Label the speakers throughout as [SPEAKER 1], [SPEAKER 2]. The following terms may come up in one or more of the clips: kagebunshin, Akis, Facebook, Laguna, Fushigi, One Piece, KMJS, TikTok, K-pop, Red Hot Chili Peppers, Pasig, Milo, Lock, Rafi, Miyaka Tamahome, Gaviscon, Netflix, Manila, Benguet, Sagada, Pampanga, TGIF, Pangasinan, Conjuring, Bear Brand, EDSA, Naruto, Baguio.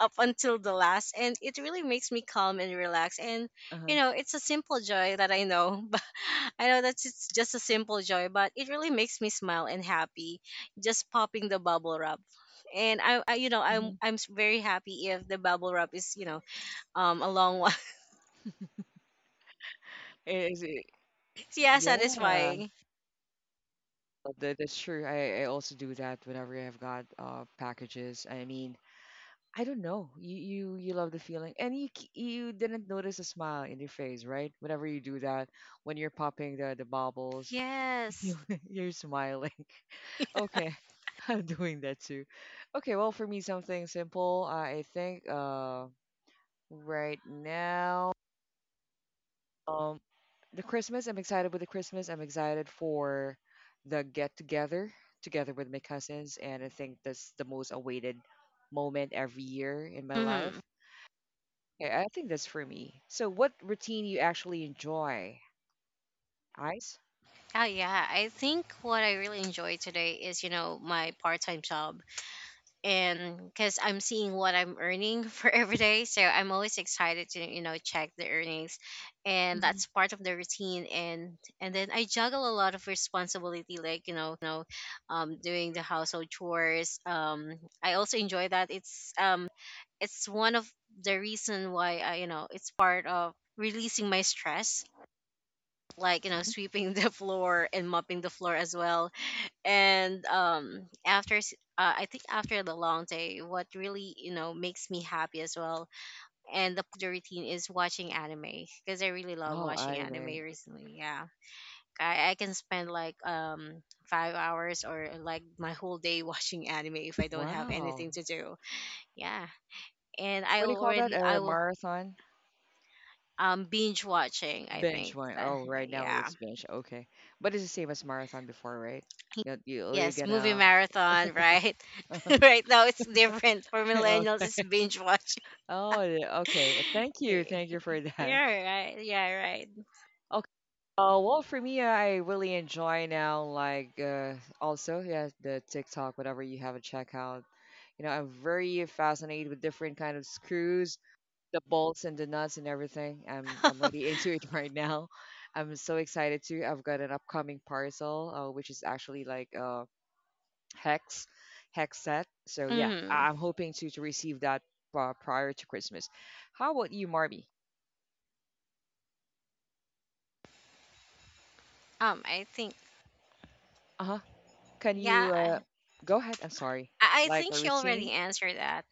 [SPEAKER 1] up until the last, and it really makes me calm and relax. And
[SPEAKER 2] Uh-huh.
[SPEAKER 1] it's a simple joy that I know, I know that's it's just a simple joy, but it really makes me smile and happy just popping the bubble wrap. And I I'm
[SPEAKER 2] hmm
[SPEAKER 1] I'm s- very happy if the bubble wrap is, a long one.
[SPEAKER 2] Is it?
[SPEAKER 1] Yeah,
[SPEAKER 2] Yeah,
[SPEAKER 1] satisfying.
[SPEAKER 2] that's true. I also do that whenever I've got packages. I mean, I don't know. You love the feeling, and you you didn't notice a smile in your face, right? Whenever you do that, when you're popping the bubbles, you
[SPEAKER 1] Yes.
[SPEAKER 2] you're smiling. Okay, I'm doing that too. Okay, well, for me, something simple. I think, right now, um, the Christmas. I'm excited with the Christmas. I'm excited for the get together with my cousins, and I think that's the most awaited moment every year in my life.
[SPEAKER 1] Mm-hmm.
[SPEAKER 2] Yeah, I think that's for me. So, what routine you actually enjoy? Ice?
[SPEAKER 1] Oh yeah, I think what I really enjoy today is, my part-time job. And because I'm seeing what I'm earning for every day, so I'm always excited to check the earnings, and
[SPEAKER 2] Mhm.
[SPEAKER 1] that's part of the routine. And then I juggle a lot of responsibility, like doing the household chores. I also enjoy that. It's one of the reason why I it's part of releasing my stress, like sweeping the floor and mopping the floor as well. And after s- I think after the long day, what really makes me happy as well and the part of the routine is watching anime because I really love
[SPEAKER 2] Oh,
[SPEAKER 1] watching anime
[SPEAKER 2] anime!
[SPEAKER 1] recently. Yeah, I can spend like 5 hours or like my whole day watching anime if I don't have
[SPEAKER 2] Wow.
[SPEAKER 1] anything to do. Yeah, and i
[SPEAKER 2] What do you
[SPEAKER 1] will
[SPEAKER 2] call that?
[SPEAKER 1] already
[SPEAKER 2] A
[SPEAKER 1] i will
[SPEAKER 2] marathon?
[SPEAKER 1] um binge watching, I
[SPEAKER 2] Bench
[SPEAKER 1] think.
[SPEAKER 2] one. Oh, right now
[SPEAKER 1] Yeah.
[SPEAKER 2] it's bench. Okay, but it's the same as marathon before, right? You're
[SPEAKER 1] Yes, movie
[SPEAKER 2] gonna.
[SPEAKER 1] marathon, right? Right now it's different. For millennials, it's
[SPEAKER 2] Okay.
[SPEAKER 1] binge watching.
[SPEAKER 2] Oh, yeah, okay. Thank you for that.
[SPEAKER 1] Yeah, right. Yeah, right.
[SPEAKER 2] Okay. Well, for me, I really enjoy now, like, also, yeah, the TikTok, whatever you have a check out. I'm very fascinated with different kind of screws, the bolts and the nuts and everything. I'm really into it right now. I'm so excited too. I've got an upcoming parcel, which is actually like, hex hex set. So yeah,
[SPEAKER 1] Mm.
[SPEAKER 2] I'm hoping to receive that, prior to Christmas. How about you, Marby?
[SPEAKER 1] I think.
[SPEAKER 2] Uh huh. Can you,
[SPEAKER 1] Yeah,
[SPEAKER 2] go ahead? I'm sorry.
[SPEAKER 1] I
[SPEAKER 2] Like
[SPEAKER 1] think
[SPEAKER 2] a
[SPEAKER 1] she already
[SPEAKER 2] routine?
[SPEAKER 1] answered that.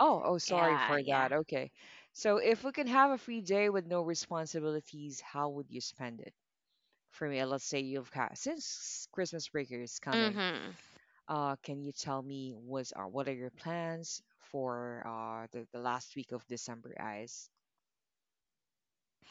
[SPEAKER 2] Oh, sorry
[SPEAKER 1] Yeah,
[SPEAKER 2] for
[SPEAKER 1] yeah.
[SPEAKER 2] that. Okay. So if we can have a free day with no responsibilities, how would you spend it? For me, let's say you've got, since Christmas break is coming.
[SPEAKER 1] Mm-hmm.
[SPEAKER 2] Can you tell me what are your plans for the last week of December, guys?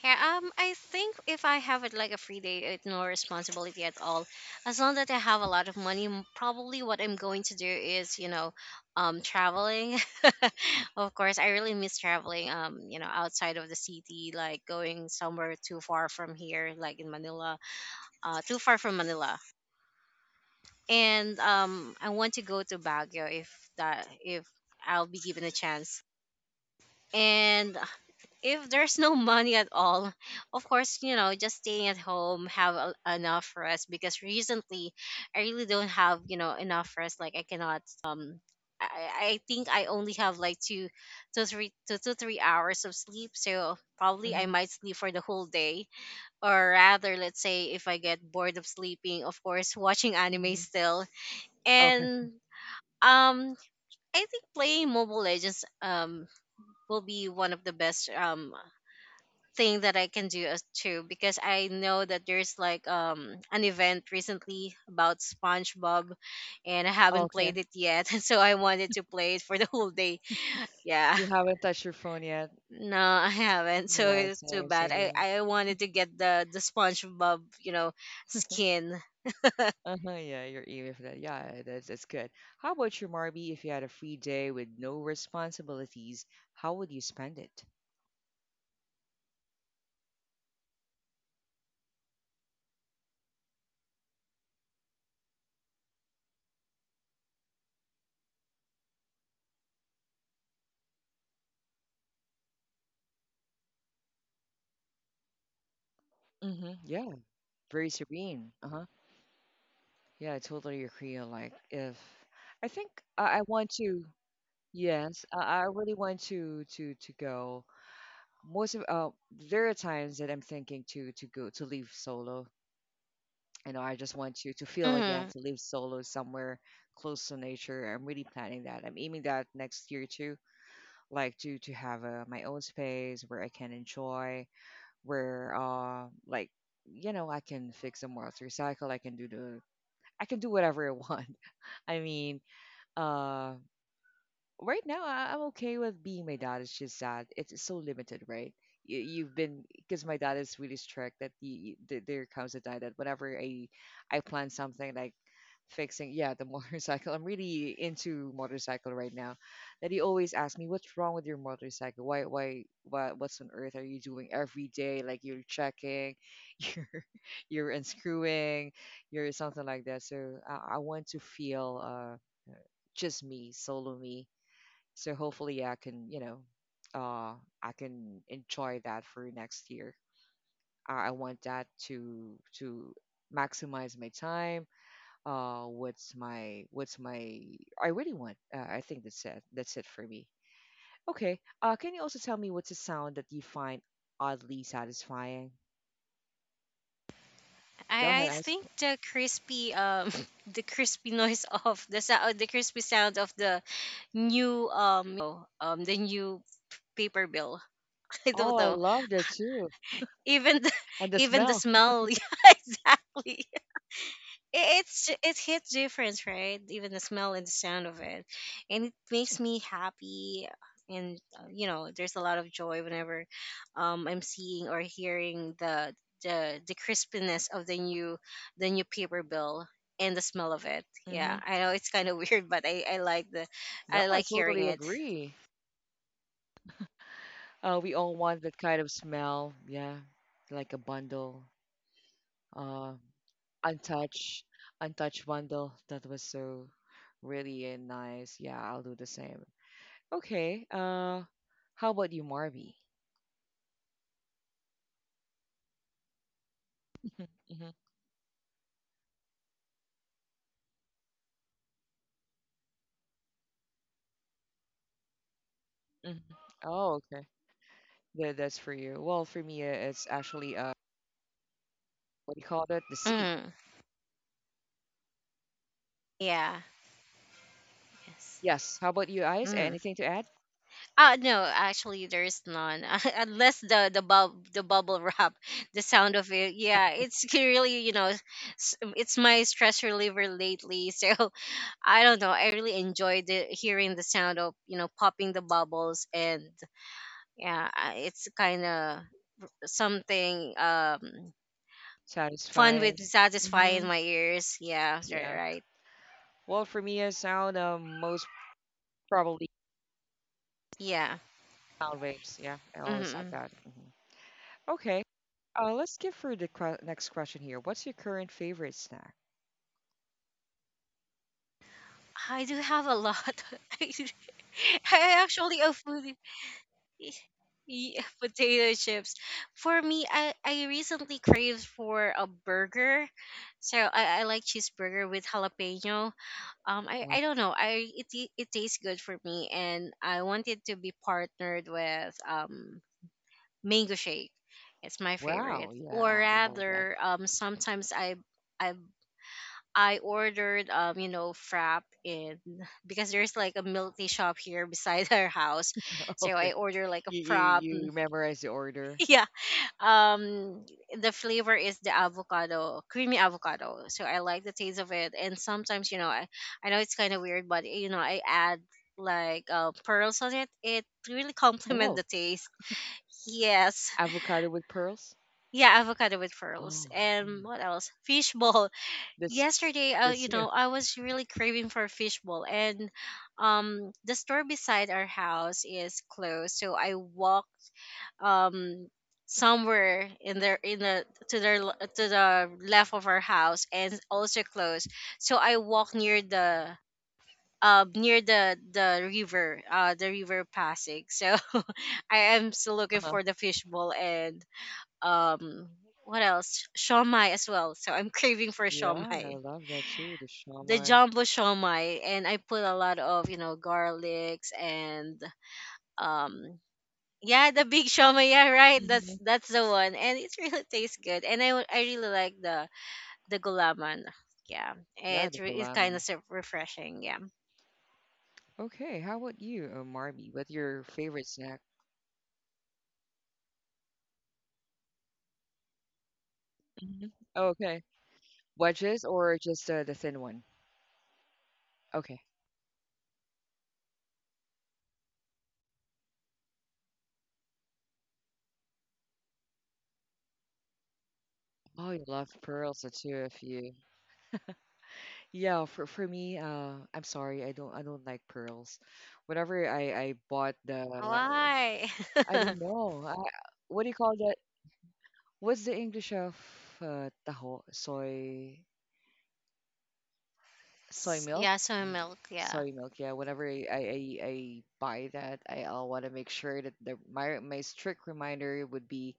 [SPEAKER 1] Yeah, I think if I have it like a free day with no responsibility at all, as long that I have a lot of money, probably what I'm going to do is, traveling. Of course, I really miss traveling. Outside of the city, like going somewhere too far from here, like in Manila, too far from Manila. And I want to go to Baguio if I'll be given a chance. And if there's no money at all, of course, just staying at home, enough rest because recently I really don't have, enough rest. Like I cannot I, I think I only have like two to 3 hours of sleep. So probably I
[SPEAKER 2] Mm-hmm,
[SPEAKER 1] might sleep for the whole day, or rather, let's say if I get bored of sleeping, of course watching anime
[SPEAKER 2] mm-hmm.
[SPEAKER 1] still.
[SPEAKER 2] Okay.
[SPEAKER 1] And um I think playing Mobile Legends will be one of the best thing that I can do as too, because I know that there's like an event recently about SpongeBob and I haven't played
[SPEAKER 2] Okay.
[SPEAKER 1] it yet. So I wanted to play it for the whole day, yeah.
[SPEAKER 2] You haven't touched your phone yet?
[SPEAKER 1] No, I haven't. So
[SPEAKER 2] Yeah,
[SPEAKER 1] it's too
[SPEAKER 2] same,
[SPEAKER 1] bad,
[SPEAKER 2] same.
[SPEAKER 1] I wanted to get the SpongeBob skin.
[SPEAKER 2] Uh-huh, yeah, you're even for that. Yeah, that's good. How about you, Marby? If you had a free day with no responsibilities, how would you spend it? Mm-hmm. Yeah, very serene. Uh-huh. Yeah, I totally agree. Like, if I think I want to, yes, I really want to go. Most of there are times that I'm thinking to go to leave solo. I just want you to feel again,
[SPEAKER 1] Mhm.
[SPEAKER 2] to live solo somewhere close to nature. I'm really planning that. I'm aiming that next year too, like to have, my own space where I can enjoy, where like, I can fix a motorcycle, I can do whatever I want. I mean, uh right now I'm okay with being my dad. It's just sad. It's so limited, right? You've been, because my dad is really strict, that there comes a time that whenever I plan something like fixing, yeah, the motorcycle. I'm really into motorcycle right now, that he always asks me, what's wrong with your motorcycle? Why What's on earth are you doing every day? Like, you're checking, you're you're unscrewing, you're something like that. So I want to feel, just me, solo me, so hopefully uh, I can enjoy that for next year. I want that to maximize my time. What's my I really want. I think that's it. That's it for me. Okay. Can you also tell me, what's a sound that you find oddly satisfying? Go ahead,
[SPEAKER 1] I
[SPEAKER 2] Ice.
[SPEAKER 1] think the crispy the crispy noise of the crispy sound of the new paper bill. I
[SPEAKER 2] Oh,
[SPEAKER 1] don't
[SPEAKER 2] I
[SPEAKER 1] know,
[SPEAKER 2] loved it too,
[SPEAKER 1] even the,
[SPEAKER 2] and the
[SPEAKER 1] even the
[SPEAKER 2] smell.
[SPEAKER 1] smell. Yeah, exactly, it hits different, right? Even the smell and the sound of it, and it makes me happy. And there's a lot of joy whenever I'm seeing or hearing the crispiness of the new paper bill and the smell of it.
[SPEAKER 2] Mm-hmm.
[SPEAKER 1] Yeah, I know it's kind of weird, but
[SPEAKER 2] No,
[SPEAKER 1] I
[SPEAKER 2] I
[SPEAKER 1] like hearing
[SPEAKER 2] totally
[SPEAKER 1] it.
[SPEAKER 2] agree. We all want that kind of smell. Yeah, like a bundle. uh, untouched untouched bundle that was so really, nice. Yeah, I'll do the same. Okay, how about you, Marby? Hmm. Hmm. Oh, okay. That's for you. Well, for me, it's actually, what do you call that, the sea?
[SPEAKER 1] Mm, yeah. Yes.
[SPEAKER 2] Yes. How about you, Eyes?
[SPEAKER 1] Mm.
[SPEAKER 2] Anything to add,
[SPEAKER 1] No, actually, there is none. Unless the bubble wrap, the sound of it. Yeah, it's really, it's my stress reliever lately. So I don't know. I really enjoy the hearing the sound of popping the bubbles, and yeah, it's kind of something fun
[SPEAKER 2] satisfying?
[SPEAKER 1] with
[SPEAKER 2] Hmm.
[SPEAKER 1] satisfying my ears. Yeah, right.
[SPEAKER 2] Yeah,
[SPEAKER 1] Right.
[SPEAKER 2] well, for me, a sound, most probably
[SPEAKER 1] Yeah.
[SPEAKER 2] sound waves. Yeah, I always like
[SPEAKER 1] hmm
[SPEAKER 2] that. Hmm. Okay. Let's give her the next question here. What's your current favorite snack?
[SPEAKER 1] I do have a lot. I actually a foodie. Potato chips. For me, I recently craved for a burger. So I like cheeseburger with jalapeno.
[SPEAKER 2] Wa-
[SPEAKER 1] I don't know. It tastes good for me and I wanted to be partnered with mango shake. It's my favorite.
[SPEAKER 2] Wow,
[SPEAKER 1] Or
[SPEAKER 2] yeah, I love that.
[SPEAKER 1] rather, sometimes I I ordered frap in because there's like a milk tea shop here beside our house. So
[SPEAKER 2] Okay,
[SPEAKER 1] I order like a
[SPEAKER 2] you you
[SPEAKER 1] frap
[SPEAKER 2] you memorize the order.
[SPEAKER 1] um the flavor is the avocado, creamy avocado, so I like the taste of it. And sometimes, I know it's kind of weird, but I add like pearls on it really complement
[SPEAKER 2] Oh,
[SPEAKER 1] the taste. Yes.
[SPEAKER 2] avocado with pearls.
[SPEAKER 1] Yeah, avocado with pearls.
[SPEAKER 2] Oh, oh,
[SPEAKER 1] And what else? Fishball.
[SPEAKER 2] this
[SPEAKER 1] Yesterday,
[SPEAKER 2] this new.
[SPEAKER 1] I was really craving for fishball and the store beside our house is closed, so I walked um somewhere in their in the to their l- to the left of our house, and also close. So I walk near the river, Pasig. So I am still looking
[SPEAKER 2] Uh-huh.
[SPEAKER 1] for the fishbowl. And um what else? Shawmai as well. So I'm craving for
[SPEAKER 2] Yeah, I
[SPEAKER 1] shawmai,
[SPEAKER 2] love that too. The
[SPEAKER 1] the
[SPEAKER 2] shawmai.
[SPEAKER 1] jumbo shawmai, and I put a lot of garlics. And um yeah, the big shawarma. Yeah, right? That's
[SPEAKER 2] Hmm.
[SPEAKER 1] that's the one, and it really tastes good. And I really like the gulaman. Yeah,
[SPEAKER 2] Yeah, the
[SPEAKER 1] it's kind of
[SPEAKER 2] gulaman.
[SPEAKER 1] so refreshing. Yeah.
[SPEAKER 2] Okay, how about you, Marby? What's your favorite snack? Hmm. Okay, wedges or just, the thin one? Okay. Oh, you love pearls, too, if you. Yeah, for me, I'm sorry, I don't like pearls. Whenever I bought the
[SPEAKER 1] Why?
[SPEAKER 2] I don't know. I, what do you call that? What's the English of, taho? Soy milk?
[SPEAKER 1] Yeah, soy
[SPEAKER 2] Y-
[SPEAKER 1] milk. Yeah.
[SPEAKER 2] Soy milk. Yeah, whenever I buy that, I'll want to make sure that the my strict reminder would be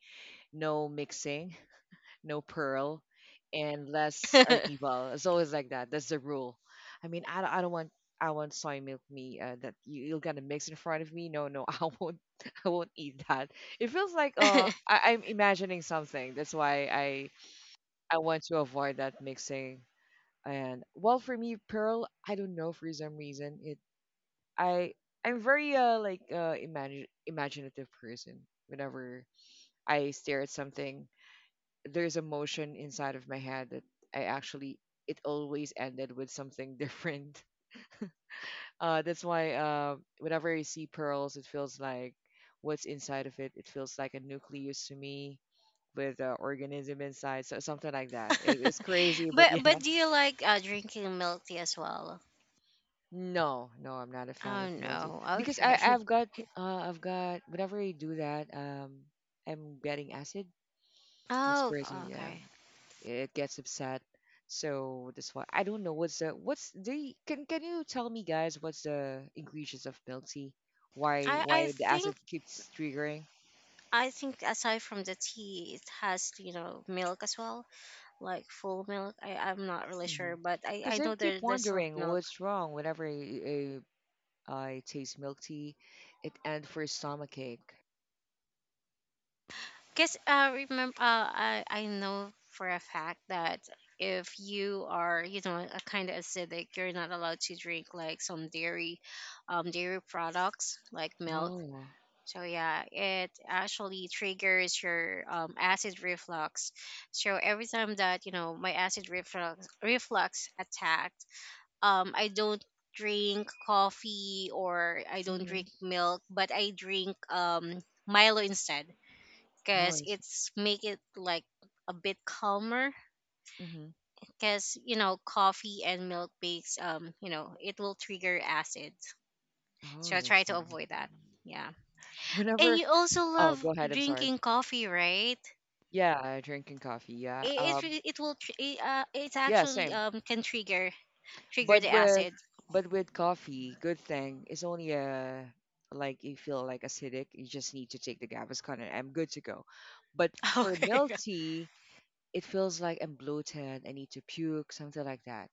[SPEAKER 2] no mixing, no Pearl, and less
[SPEAKER 1] But
[SPEAKER 2] Artival. It's always like that. That's the rule. I mean, I don't want I want soy milk me, that you're gonna mix in front of me. No, no, I won't. I won't eat that. It feels like, I'm imagining something. That's why I want to avoid that mixing. And well, for me, Pearl, I don't know, for some reason, it I I'm very, like, imagine imaginative person. Whenever I stare at something, there's a motion inside of my head that I actually, it always ended with something different. That's why, whenever I see pearls, it feels like what's inside of it. It feels like a nucleus to me, with an organism inside, so something like that. It's crazy, but yeah.
[SPEAKER 1] do you like drinking milk tea as well?
[SPEAKER 2] No, no, I'm not a fan
[SPEAKER 1] Oh
[SPEAKER 2] of melting,
[SPEAKER 1] no.
[SPEAKER 2] because I
[SPEAKER 1] Okay.
[SPEAKER 2] I've got whenever I do that, I'm getting acid. I'm
[SPEAKER 1] Oh
[SPEAKER 2] experiencing, yeah,
[SPEAKER 1] okay.
[SPEAKER 2] it gets upset. So that's why I don't know what's the can you tell me, guys, what's the ingredients of milk tea? Why
[SPEAKER 1] I I
[SPEAKER 2] why the acid
[SPEAKER 1] think
[SPEAKER 2] keeps triggering?
[SPEAKER 1] I think aside from the tea, it has milk as well, like full milk. I'm not really sure, but
[SPEAKER 2] Because
[SPEAKER 1] I
[SPEAKER 2] I
[SPEAKER 1] know
[SPEAKER 2] keep
[SPEAKER 1] there's some
[SPEAKER 2] wondering
[SPEAKER 1] milk.
[SPEAKER 2] what's wrong. Whenever I taste milk tea, it end for stomach ache.
[SPEAKER 1] Cause remember, I know for a fact that if you are a kind of acidic, you're not allowed to drink like some dairy products like milk.
[SPEAKER 2] Oh,
[SPEAKER 1] So yeah, it actually triggers your acid reflux. So every time that my acid reflux attack, I don't drink coffee or I don't
[SPEAKER 2] mm-hmm.
[SPEAKER 1] drink milk, but I drink Milo instead
[SPEAKER 2] Oh,
[SPEAKER 1] because it's make it like a bit calmer,
[SPEAKER 2] mm-hmm.
[SPEAKER 1] because coffee and milk bakes, it will trigger acid,
[SPEAKER 2] Oh,
[SPEAKER 1] so I try
[SPEAKER 2] that's
[SPEAKER 1] to
[SPEAKER 2] why.
[SPEAKER 1] avoid that, yeah. And
[SPEAKER 2] Whenever,
[SPEAKER 1] you also
[SPEAKER 2] oh,
[SPEAKER 1] love
[SPEAKER 2] go ahead. I'm sorry.
[SPEAKER 1] drinking coffee, right?
[SPEAKER 2] Yeah, drinking coffee.
[SPEAKER 1] it
[SPEAKER 2] Yeah,
[SPEAKER 1] it, re- it will tr- it, It's
[SPEAKER 2] yeah,
[SPEAKER 1] actually
[SPEAKER 2] same.
[SPEAKER 1] can trigger
[SPEAKER 2] But
[SPEAKER 1] the
[SPEAKER 2] with
[SPEAKER 1] acid.
[SPEAKER 2] but with coffee, good thing it's only a like, you feel like acidic. You just need to take the Gaviscon and I'm good to go. But for
[SPEAKER 1] Okay.
[SPEAKER 2] milk tea, it feels like I'm bloated. I need to puke, something like that.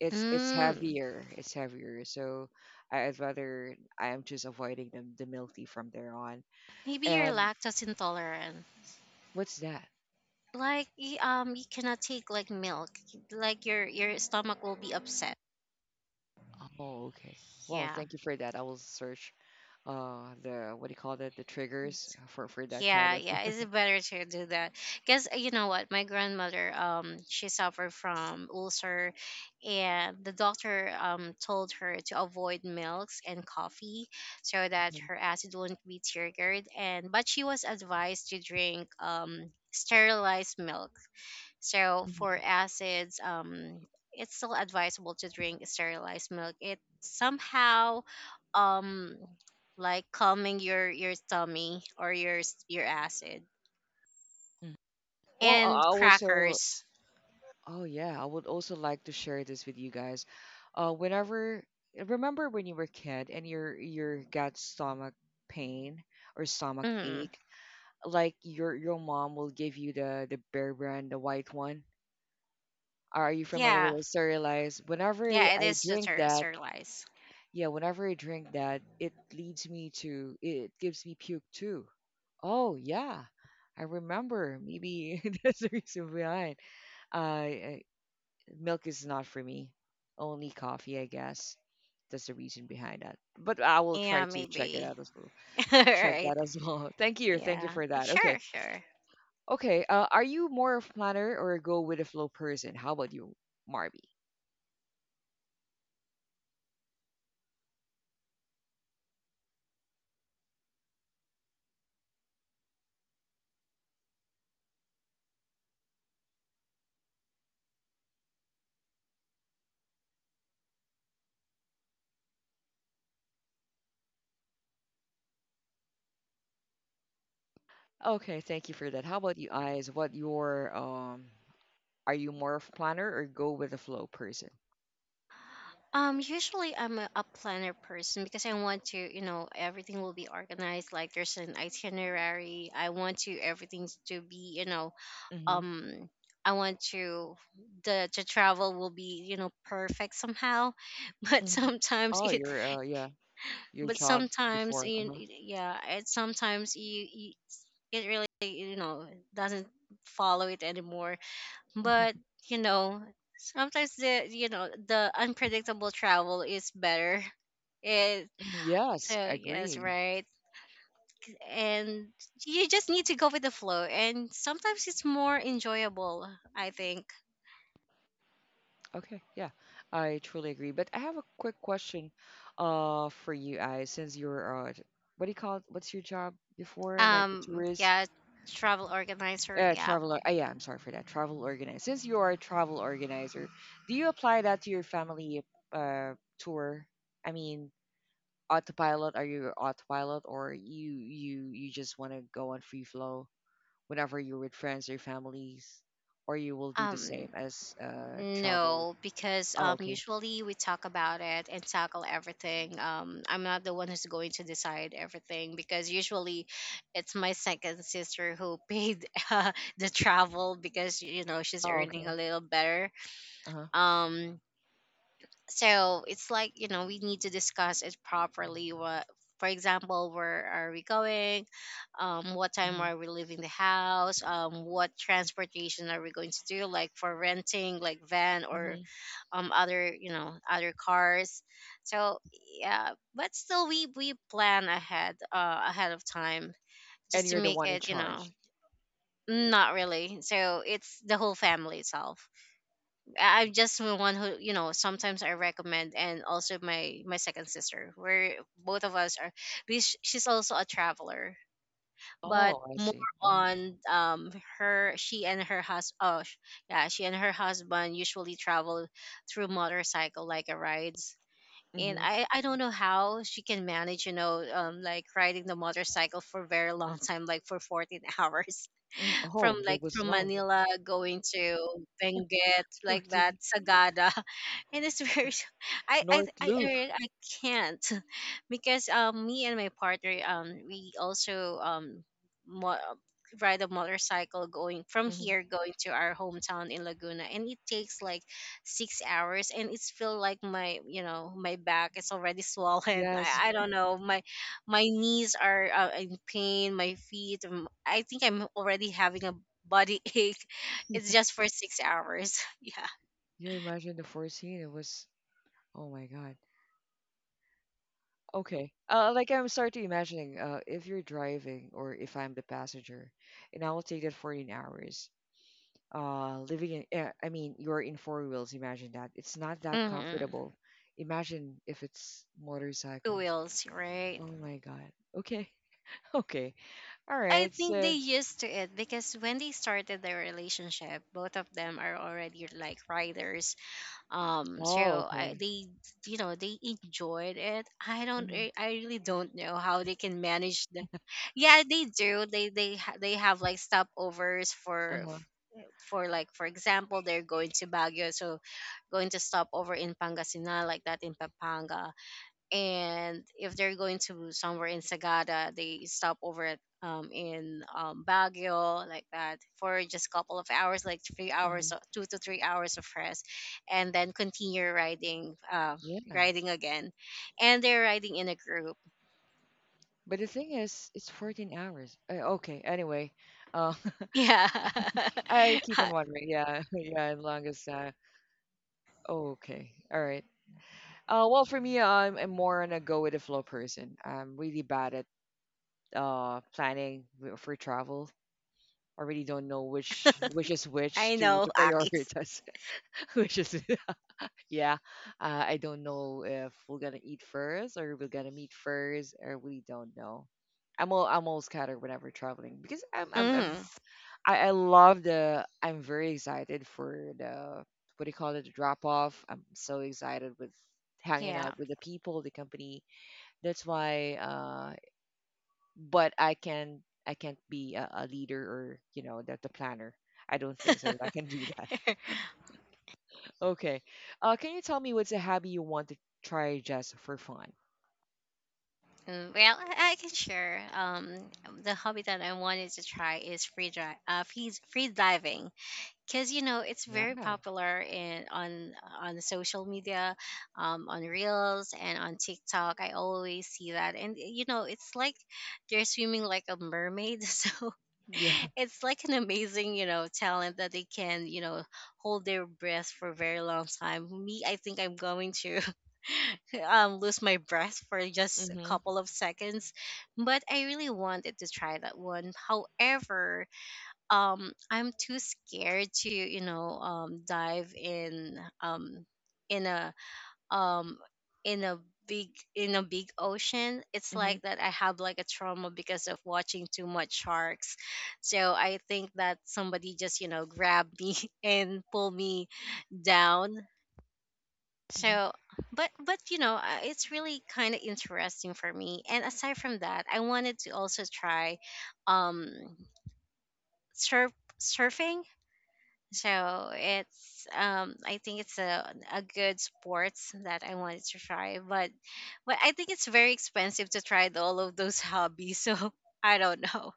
[SPEAKER 2] It's
[SPEAKER 1] mm,
[SPEAKER 2] heavier. It's heavier. So I'd rather, I am just avoiding the milk tea from there on.
[SPEAKER 1] Maybe you're
[SPEAKER 2] And
[SPEAKER 1] lactose intolerant,
[SPEAKER 2] what's that?
[SPEAKER 1] like you cannot take like milk, like your stomach will be upset.
[SPEAKER 2] Oh, okay. Well,
[SPEAKER 1] Yeah,
[SPEAKER 2] thank you for that. I will search, the, what do you call that? The triggers for that kind
[SPEAKER 1] yeah,
[SPEAKER 2] of.
[SPEAKER 1] yeah. It's better to do that because you know what, my grandmother, she suffered from ulcer, and the doctor told her to avoid milks and coffee so that
[SPEAKER 2] Mhm,
[SPEAKER 1] her acid wouldn't be triggered. And But she was advised to drink sterilized milk. So for
[SPEAKER 2] mhm.
[SPEAKER 1] acids, it's still advisable to drink sterilized milk. It somehow, um, like calming your tummy or your your acid
[SPEAKER 2] Well, I
[SPEAKER 1] and
[SPEAKER 2] I also,
[SPEAKER 1] crackers.
[SPEAKER 2] oh yeah, I would also like to share this with you guys. Uh, whenever, remember when you were a kid and you're got stomach pain or stomach
[SPEAKER 1] Mm,
[SPEAKER 2] ache, like your mom will give you the Bear Brand, the white one. Are you familiar with
[SPEAKER 1] yeah,
[SPEAKER 2] the cerealize? Whenever I
[SPEAKER 1] yeah, it
[SPEAKER 2] I
[SPEAKER 1] is just
[SPEAKER 2] drink that,
[SPEAKER 1] sterilized.
[SPEAKER 2] yeah, whenever I drink that, it gives me puke too. Oh yeah, I remember. Maybe that's the reason behind. Uh, Milk is not for me. Only coffee, I guess. That's the reason behind that. But I will try
[SPEAKER 1] Yeah,
[SPEAKER 2] to check it
[SPEAKER 1] maybe.
[SPEAKER 2] out as well. Check
[SPEAKER 1] Right.
[SPEAKER 2] that as well. Thank you. Thank you
[SPEAKER 1] Yeah,
[SPEAKER 2] for that.
[SPEAKER 1] sure,
[SPEAKER 2] Okay.
[SPEAKER 1] sure.
[SPEAKER 2] Okay. Are you more of planner or a go with the flow person? How about you, Marby? Okay, thank you for that. How about you, Eyes? What your Are you more of planner or go with the flow person?
[SPEAKER 1] Usually I'm a planner person because I want to, everything will be organized. Like there's an itinerary. I want to everything to be,
[SPEAKER 2] Mm-hmm.
[SPEAKER 1] um, I want to the travel will be, perfect somehow. But
[SPEAKER 2] hmm
[SPEAKER 1] sometimes
[SPEAKER 2] Oh,
[SPEAKER 1] it,
[SPEAKER 2] your yeah, your
[SPEAKER 1] but
[SPEAKER 2] job
[SPEAKER 1] sometimes
[SPEAKER 2] before.
[SPEAKER 1] you,
[SPEAKER 2] Uh-huh.
[SPEAKER 1] yeah, it really, doesn't follow it anymore. But you know sometimes the you know the unpredictable travel is better, it
[SPEAKER 2] Mhm. Yes,
[SPEAKER 1] so
[SPEAKER 2] I
[SPEAKER 1] yes,
[SPEAKER 2] agree.
[SPEAKER 1] right. And you just need to go with the flow, and sometimes it's more enjoyable, I think.
[SPEAKER 2] Okay, yeah, I truly agree. But I have a quick question, for you guys, since you're, what do you call it? What's your job before? Like the tourist,
[SPEAKER 1] Yeah, travel organizer. Yeah.
[SPEAKER 2] traveler. Yeah, I'm sorry for that. Travel organizer. Since you are a travel organizer, do you apply that to your family uh tour? I mean, autopilot. Are you autopilot, or you just want to go on free flow whenever you're with friends or families, or you will do the
[SPEAKER 1] um
[SPEAKER 2] same as travel?
[SPEAKER 1] No, because
[SPEAKER 2] Oh, okay.
[SPEAKER 1] usually we talk about it and tackle everything. I'm not the one who's going to decide everything because usually it's my second sister who paid the travel because she's
[SPEAKER 2] Oh,
[SPEAKER 1] earning a
[SPEAKER 2] okay.
[SPEAKER 1] little better.
[SPEAKER 2] Uh
[SPEAKER 1] Um, so it's like, you know, we need to discuss it properly. What, for example, where are we going, what time
[SPEAKER 2] Mhm,
[SPEAKER 1] are we leaving the house, what transportation are we going to do, like for renting like van or
[SPEAKER 2] mhm,
[SPEAKER 1] other, you know, other cars. So yeah, but still we plan ahead, ahead of time
[SPEAKER 2] and
[SPEAKER 1] just to
[SPEAKER 2] you're the
[SPEAKER 1] make
[SPEAKER 2] one in
[SPEAKER 1] it, you know,
[SPEAKER 2] charge.
[SPEAKER 1] not really. So it's the whole family itself. I'm just the one who, you know, sometimes I recommend, and also my second sister, where both of us are, she's also a traveler, but
[SPEAKER 2] Oh, I
[SPEAKER 1] more
[SPEAKER 2] see. Mhm,
[SPEAKER 1] on her, she and her yeah, she and her husband usually travel through motorcycle, like a rides. And
[SPEAKER 2] mhm,
[SPEAKER 1] I don't know how she can manage, you know, like riding the motorcycle for very long time, like for 14 hours,
[SPEAKER 2] mhm.
[SPEAKER 1] from
[SPEAKER 2] Oh, there
[SPEAKER 1] like
[SPEAKER 2] was
[SPEAKER 1] from
[SPEAKER 2] long.
[SPEAKER 1] Manila going to Benguet
[SPEAKER 2] We're
[SPEAKER 1] like that,
[SPEAKER 2] in
[SPEAKER 1] Sagada, and it's very I I
[SPEAKER 2] North
[SPEAKER 1] I
[SPEAKER 2] Loop.
[SPEAKER 1] I I can't, because me and my partner, we also mo- ride a motorcycle going from
[SPEAKER 2] Mhm.
[SPEAKER 1] here going to our hometown in Laguna, and it takes like 6 hours, and it's feel like my, you know, my back is already swollen.
[SPEAKER 2] Yes,
[SPEAKER 1] I don't know, my knees are in pain, my feet, I think I'm already having a body ache. It's just
[SPEAKER 2] yes.
[SPEAKER 1] for 6 hours. Yeah.
[SPEAKER 2] Yeah, imagine the first scene. It was, oh my God. Okay. Like I'm starting imagining, if you're driving or if I'm the passenger, and I will take that 14 hours. Living in, I mean, you're in four wheels. Imagine that. It's not that
[SPEAKER 1] Hmm.
[SPEAKER 2] comfortable. Imagine if it's
[SPEAKER 1] Two
[SPEAKER 2] motorcycle.
[SPEAKER 1] wheels, right?
[SPEAKER 2] Oh my God. Okay. Okay. All
[SPEAKER 1] I
[SPEAKER 2] right.
[SPEAKER 1] think they
[SPEAKER 2] So,
[SPEAKER 1] used to it, because when they started their relationship, both of them are already like riders.
[SPEAKER 2] oh,
[SPEAKER 1] So I,
[SPEAKER 2] okay.
[SPEAKER 1] they, you know, they enjoyed it.
[SPEAKER 2] hmm
[SPEAKER 1] I really don't know how they can manage the. Yeah, they do. They have like stopovers for
[SPEAKER 2] Uh-huh.
[SPEAKER 1] like, for example, they're going to Baguio, so going to stop over in Pangasinan like that, in Pampanga. And if they're going to somewhere in Sagada, they stop over at in Baguio like that for just a couple of hours, like three
[SPEAKER 2] hmm
[SPEAKER 1] hours, or 2 to 3 hours of rest, and then continue riding,
[SPEAKER 2] Yeah.
[SPEAKER 1] riding again, and they're riding in a group.
[SPEAKER 2] But the thing is, it's 14 hours. Okay. Anyway, uh,
[SPEAKER 1] Yeah,
[SPEAKER 2] I keep on wondering. Yeah. Yeah. As long as, okay. All right. Well, for me, I'm more on a go with the flow person. I'm really bad at planning for travel. I really don't know which is which
[SPEAKER 1] I
[SPEAKER 2] to
[SPEAKER 1] know,
[SPEAKER 2] to
[SPEAKER 1] Akis.
[SPEAKER 2] prioritize, which is yeah, I don't know if we're gonna eat first or we're gonna meet first, or we don't know. I'm all scattered whenever traveling because
[SPEAKER 1] Hmm.
[SPEAKER 2] I love the, I'm very excited for the, what do you call it, the drop off. I'm so excited with hanging
[SPEAKER 1] Yeah.
[SPEAKER 2] out with the people, the company. That's why. But I can't be a leader or you know the planner. I don't think so that I can do that. Okay. Can you tell me what's a hobby you want to try just for fun?
[SPEAKER 1] Well, I can share. The hobby that I wanted to try is free diving. Because, you know, it's
[SPEAKER 2] Yeah.
[SPEAKER 1] very popular in on social media, on reels and on TikTok. I always see that, and you know, it's like they're swimming like a mermaid. So
[SPEAKER 2] Yeah.
[SPEAKER 1] it's like an amazing, you know, talent that they can, you know, hold their breath for a very long time. Me, I think I'm going to lose my breath for just a
[SPEAKER 2] Mm-hmm.
[SPEAKER 1] couple of seconds. But I really wanted to try that one. However, I'm too scared to, you know, dive in a um in a big, in a big ocean. It's
[SPEAKER 2] Mm-hmm.
[SPEAKER 1] like that, I have like a trauma because of watching too much sharks. So I think that somebody just, you know, grabbed me and pulled me down.
[SPEAKER 2] hmm
[SPEAKER 1] So but you know, it's really kind of interesting for me. And aside from that, I wanted to also try um surf surfing. So it's I think it's a good sports that I wanted to try, but I think it's very expensive to try all of those hobbies. So I don't know,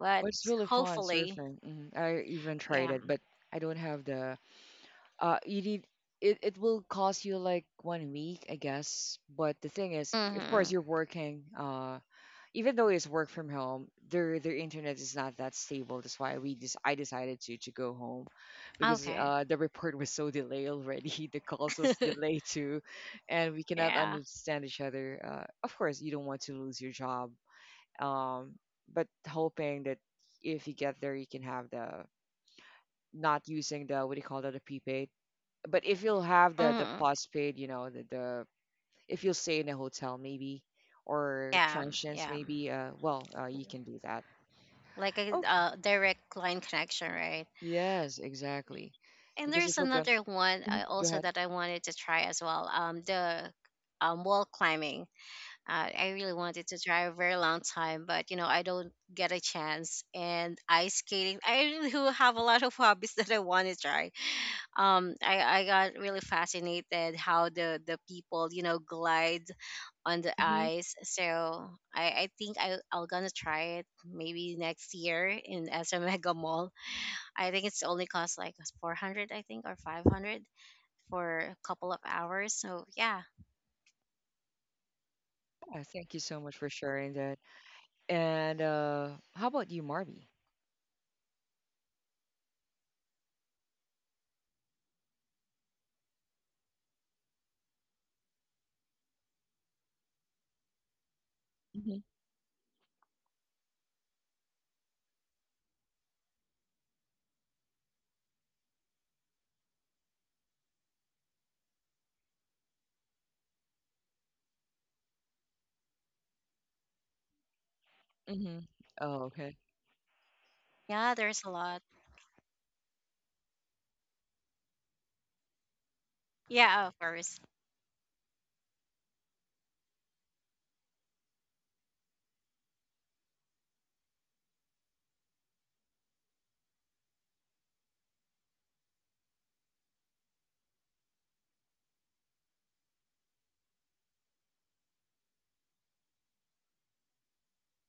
[SPEAKER 1] but
[SPEAKER 2] What's really fun,
[SPEAKER 1] hopefully,
[SPEAKER 2] surfing. Hmm I even tried
[SPEAKER 1] yeah.
[SPEAKER 2] it, but I don't have the. You need it. It will cost you like 1 week, I guess. But the thing is, of course,
[SPEAKER 1] Mm-hmm.
[SPEAKER 2] you're working. Even though it's work from home, their internet is not that stable. That's why we just I decided to go home, because
[SPEAKER 1] Okay.
[SPEAKER 2] the report was so delayed already. The calls was delayed too, and we cannot
[SPEAKER 1] Yeah.
[SPEAKER 2] understand each other. Of course, you don't want to lose your job, um, but hoping that if you get there, you can have the, not using the, what do you call that, the prepaid. But if you'll have the,
[SPEAKER 1] Mm-hmm.
[SPEAKER 2] postpaid, you know, the, if you'll stay in a hotel maybe or
[SPEAKER 1] Yeah.
[SPEAKER 2] transients
[SPEAKER 1] Yeah.
[SPEAKER 2] maybe well you can do that.
[SPEAKER 1] Like a
[SPEAKER 2] Okay.
[SPEAKER 1] direct line connection, right?
[SPEAKER 2] Yes, exactly,
[SPEAKER 1] And
[SPEAKER 2] because
[SPEAKER 1] there's
[SPEAKER 2] if we're going,
[SPEAKER 1] another one
[SPEAKER 2] go
[SPEAKER 1] also
[SPEAKER 2] ahead.
[SPEAKER 1] that I wanted to try as well. The wall climbing. I really wanted to try a very long time, but you know, I don't get a chance. And ice skating. I really do have a lot of hobbies that I want to try. I got really fascinated how the people, you know, glide on the
[SPEAKER 2] Hmm
[SPEAKER 1] ice. So I think I'll gonna try it maybe next year in SM Mega Mall. I think it's only cost like 400, I think, or 500 for a couple of hours. So yeah,
[SPEAKER 2] yeah, thank you so much for sharing that, and how about you, Marby? Hmm hmm oh, okay,
[SPEAKER 1] yeah, there's a lot. Yeah, of course.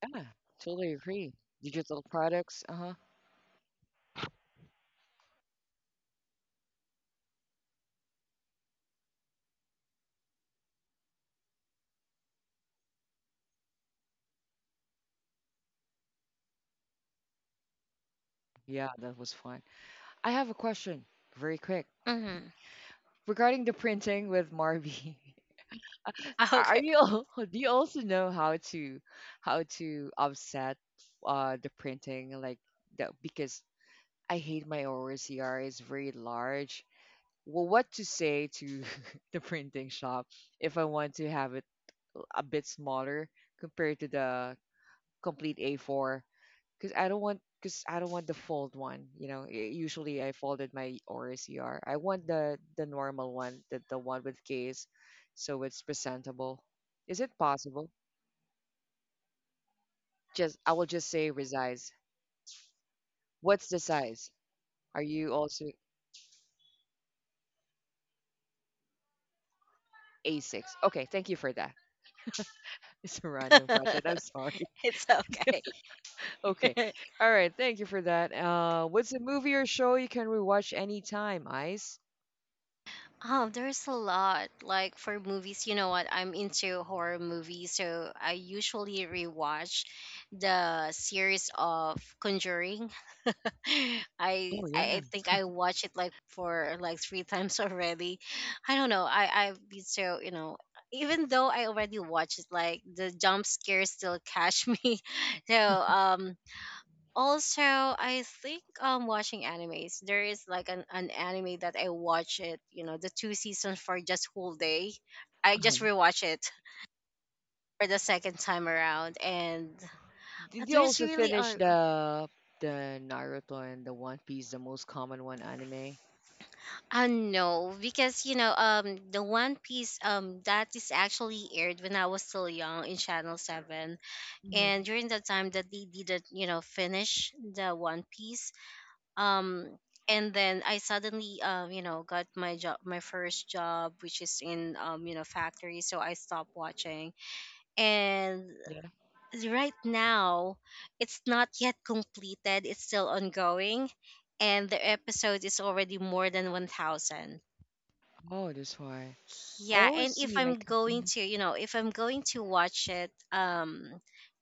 [SPEAKER 2] yeah, totally agree. Digital products. Uh-huh. Yeah, that was fun. I have a question very quick
[SPEAKER 1] Hmm.
[SPEAKER 2] regarding the printing with Marby. are
[SPEAKER 1] Okay.
[SPEAKER 2] you al- do you also know how to, offset the printing like that? Because I hate my OCR is very large. Well, what to say to the printing shop if I want to have it a bit smaller compared to the complete A4? Because I don't want, because I don't want the fold one. You know, usually I folded my OCR. I want the, normal one, the, one with case, so it's presentable. Is it possible? Just I will just say resize. What's the size? Are you also A6? Okay, thank you for that. It's a random question. I'm sorry.
[SPEAKER 1] It's okay.
[SPEAKER 2] Okay. All right, thank you for that. What's a movie or show you can rewatch anytime, Ice?
[SPEAKER 1] Oh, there's a lot. Like for movies, you know what? I'm into horror movies, so I usually rewatch the series of Conjuring. I I
[SPEAKER 2] Oh yeah.
[SPEAKER 1] I think I watched it like for like three times already. I don't know. I've been so, you know. Even though I already watched it, like the jump scares still catch me. So also, I think watching animes. There is like an anime that I watch it, you know, the two seasons for just whole day. I
[SPEAKER 2] Uh-huh.
[SPEAKER 1] just rewatch it for the second time around, and
[SPEAKER 2] Did you
[SPEAKER 1] there's
[SPEAKER 2] also
[SPEAKER 1] really
[SPEAKER 2] finish
[SPEAKER 1] a
[SPEAKER 2] the, Naruto and the One Piece, the most common one anime?
[SPEAKER 1] no, because, you know, the one piece, that is actually aired when I was still young in channel 7. And
[SPEAKER 2] Hmm
[SPEAKER 1] during the time that they didn't, you know, finish the one piece, um and then I suddenly, you know, got my job, my first job, which is in, you know, factory. So I stopped watching, and
[SPEAKER 2] Yeah.
[SPEAKER 1] right now it's not yet completed, it's still ongoing, and the episode is already more than 1000.
[SPEAKER 2] Oh, that's why. I
[SPEAKER 1] Yeah,
[SPEAKER 2] always
[SPEAKER 1] and if
[SPEAKER 2] see my.
[SPEAKER 1] I'm going
[SPEAKER 2] Mhm.
[SPEAKER 1] to, you know, if I'm going to watch it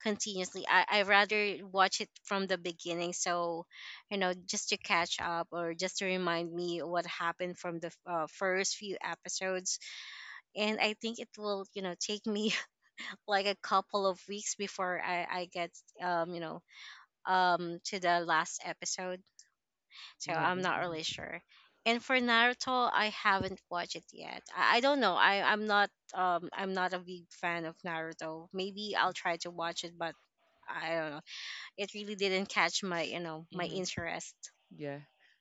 [SPEAKER 1] continuously, I rather watch it from the beginning, so, you know, just to catch up or just to remind me what happened from the first few episodes. And I think it will, you know, take me like a couple of weeks before I get you know, to the last episode, so
[SPEAKER 2] Yeah.
[SPEAKER 1] I'm not really sure. And for Naruto, I haven't watched it yet. I don't know. I'm not I'm not a big fan of Naruto. Maybe I'll try to watch it, but I don't know. It really didn't catch my, you know, my
[SPEAKER 2] hmm
[SPEAKER 1] interest.
[SPEAKER 2] Yeah,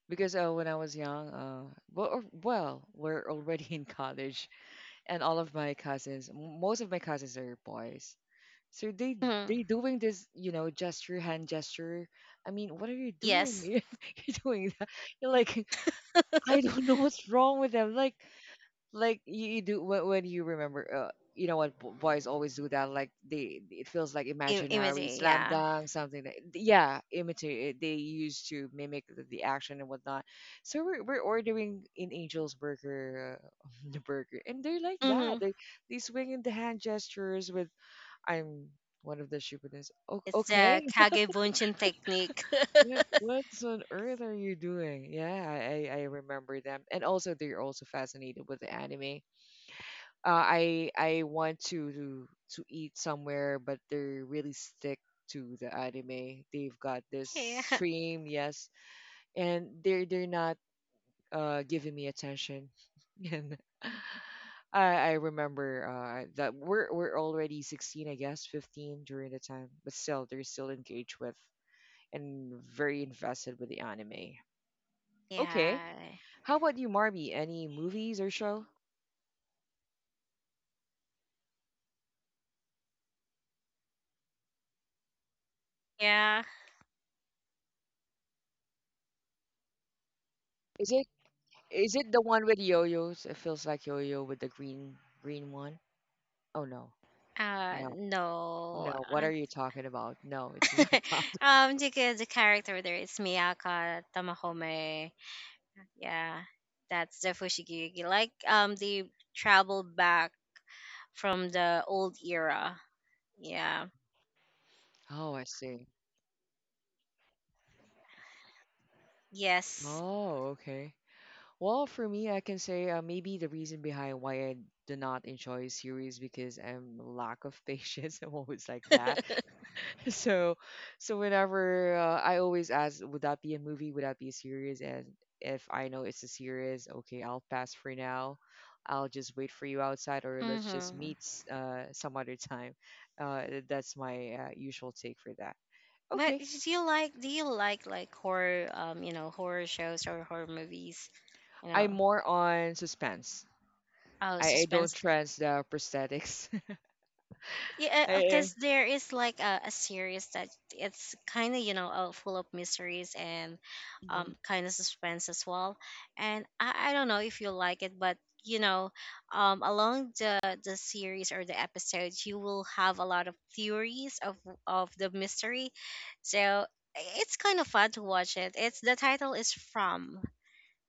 [SPEAKER 2] because when I was young, well, we're already in college, and all of my cousins, most of my cousins are boys. So
[SPEAKER 1] Mhm.
[SPEAKER 2] they doing this, you know, gesture, hand gesture. I mean, what are you doing?
[SPEAKER 1] Yes,
[SPEAKER 2] You're doing that. You're like, I don't know what's wrong with them. Like you, you do when you remember you know what boys always do, that like they, it feels like imaginary
[SPEAKER 1] imitate.
[SPEAKER 2] slam
[SPEAKER 1] Yeah.
[SPEAKER 2] dunk something that, yeah, imitate, they used to mimic the action and whatnot. So we're ordering in Angel's Burger, the burger, and they're like that,
[SPEAKER 1] Hmm.
[SPEAKER 2] they swing in the hand gestures with. I'm one of the stupidest.
[SPEAKER 1] It's the
[SPEAKER 2] Okay,
[SPEAKER 1] kagebunshin technique.
[SPEAKER 2] what, what's on earth are you doing? Yeah, I remember them, and also they're also fascinated with the anime. I want to eat somewhere, but they're really stick to the anime. They've got this
[SPEAKER 1] Yeah.
[SPEAKER 2] stream, yes, and they're not giving me attention. And I remember that we're already 16, I guess, 15 during the time, but still they're still engaged with and very invested with the anime. Okay,
[SPEAKER 1] Yeah.
[SPEAKER 2] how about you, Marby? Any movies or show?
[SPEAKER 1] Yeah.
[SPEAKER 2] Is Is it the one with yo-yos? It feels like yo-yo with the green one. Oh no. No.
[SPEAKER 1] No,
[SPEAKER 2] No. What are you talking about? No, it's not that.
[SPEAKER 1] the character there is Miyaka Tamahome. Yeah, that's the Fushigi. Like they travel back from the old era. Yeah.
[SPEAKER 2] Oh, I see.
[SPEAKER 1] Yes.
[SPEAKER 2] Oh, okay. Well, for me, I can say maybe the reason behind why I do not enjoy series, because I'm lack of patience. I'm always like that. So, so whenever I always ask, would that be a movie? Would that be a series? And if I know it's a series, okay, I'll pass for now. I'll just wait for you outside, or let's just
[SPEAKER 1] Mm-hmm.
[SPEAKER 2] meet some other time. That's my usual take for that.
[SPEAKER 1] But
[SPEAKER 2] Okay,
[SPEAKER 1] do you like horror, you know, horror shows or horror movies, you
[SPEAKER 2] I'm
[SPEAKER 1] know,
[SPEAKER 2] more on suspense.
[SPEAKER 1] oh,
[SPEAKER 2] I don't
[SPEAKER 1] suspense?
[SPEAKER 2] trust the prosthetics.
[SPEAKER 1] Yeah,
[SPEAKER 2] I,
[SPEAKER 1] because there is like a series that it's kind of, you know, full of mysteries and
[SPEAKER 2] mm
[SPEAKER 1] kind of suspense as well. And I don't know if you like it, but, you know, along the series or the episodes, you will have a lot of theories of the mystery. So it's kind of fun to watch it. It's the title is from.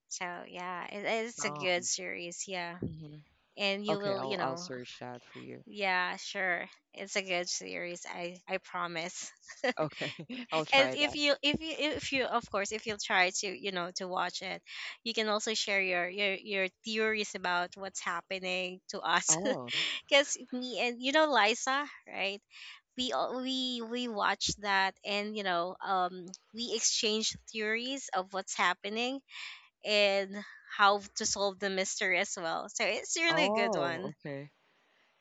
[SPEAKER 1] So yeah, it, it's a good series. Yeah,
[SPEAKER 2] hmm
[SPEAKER 1] and you
[SPEAKER 2] Okay,
[SPEAKER 1] will, you
[SPEAKER 2] I'll
[SPEAKER 1] know,
[SPEAKER 2] search that for you.
[SPEAKER 1] yeah, sure. It's a good series. I promise.
[SPEAKER 2] Okay, I'll
[SPEAKER 1] And
[SPEAKER 2] try that.
[SPEAKER 1] if you, of course, if you'll try to, you know, to watch it, you can also share your your theories about what's happening to us.
[SPEAKER 2] Oh,
[SPEAKER 1] Because me and, you know, Liza, right? We all we watched that, and you know, we exchanged theories of what's happening and how to solve the mystery as well. So it's really a good
[SPEAKER 2] oh,
[SPEAKER 1] one.
[SPEAKER 2] okay.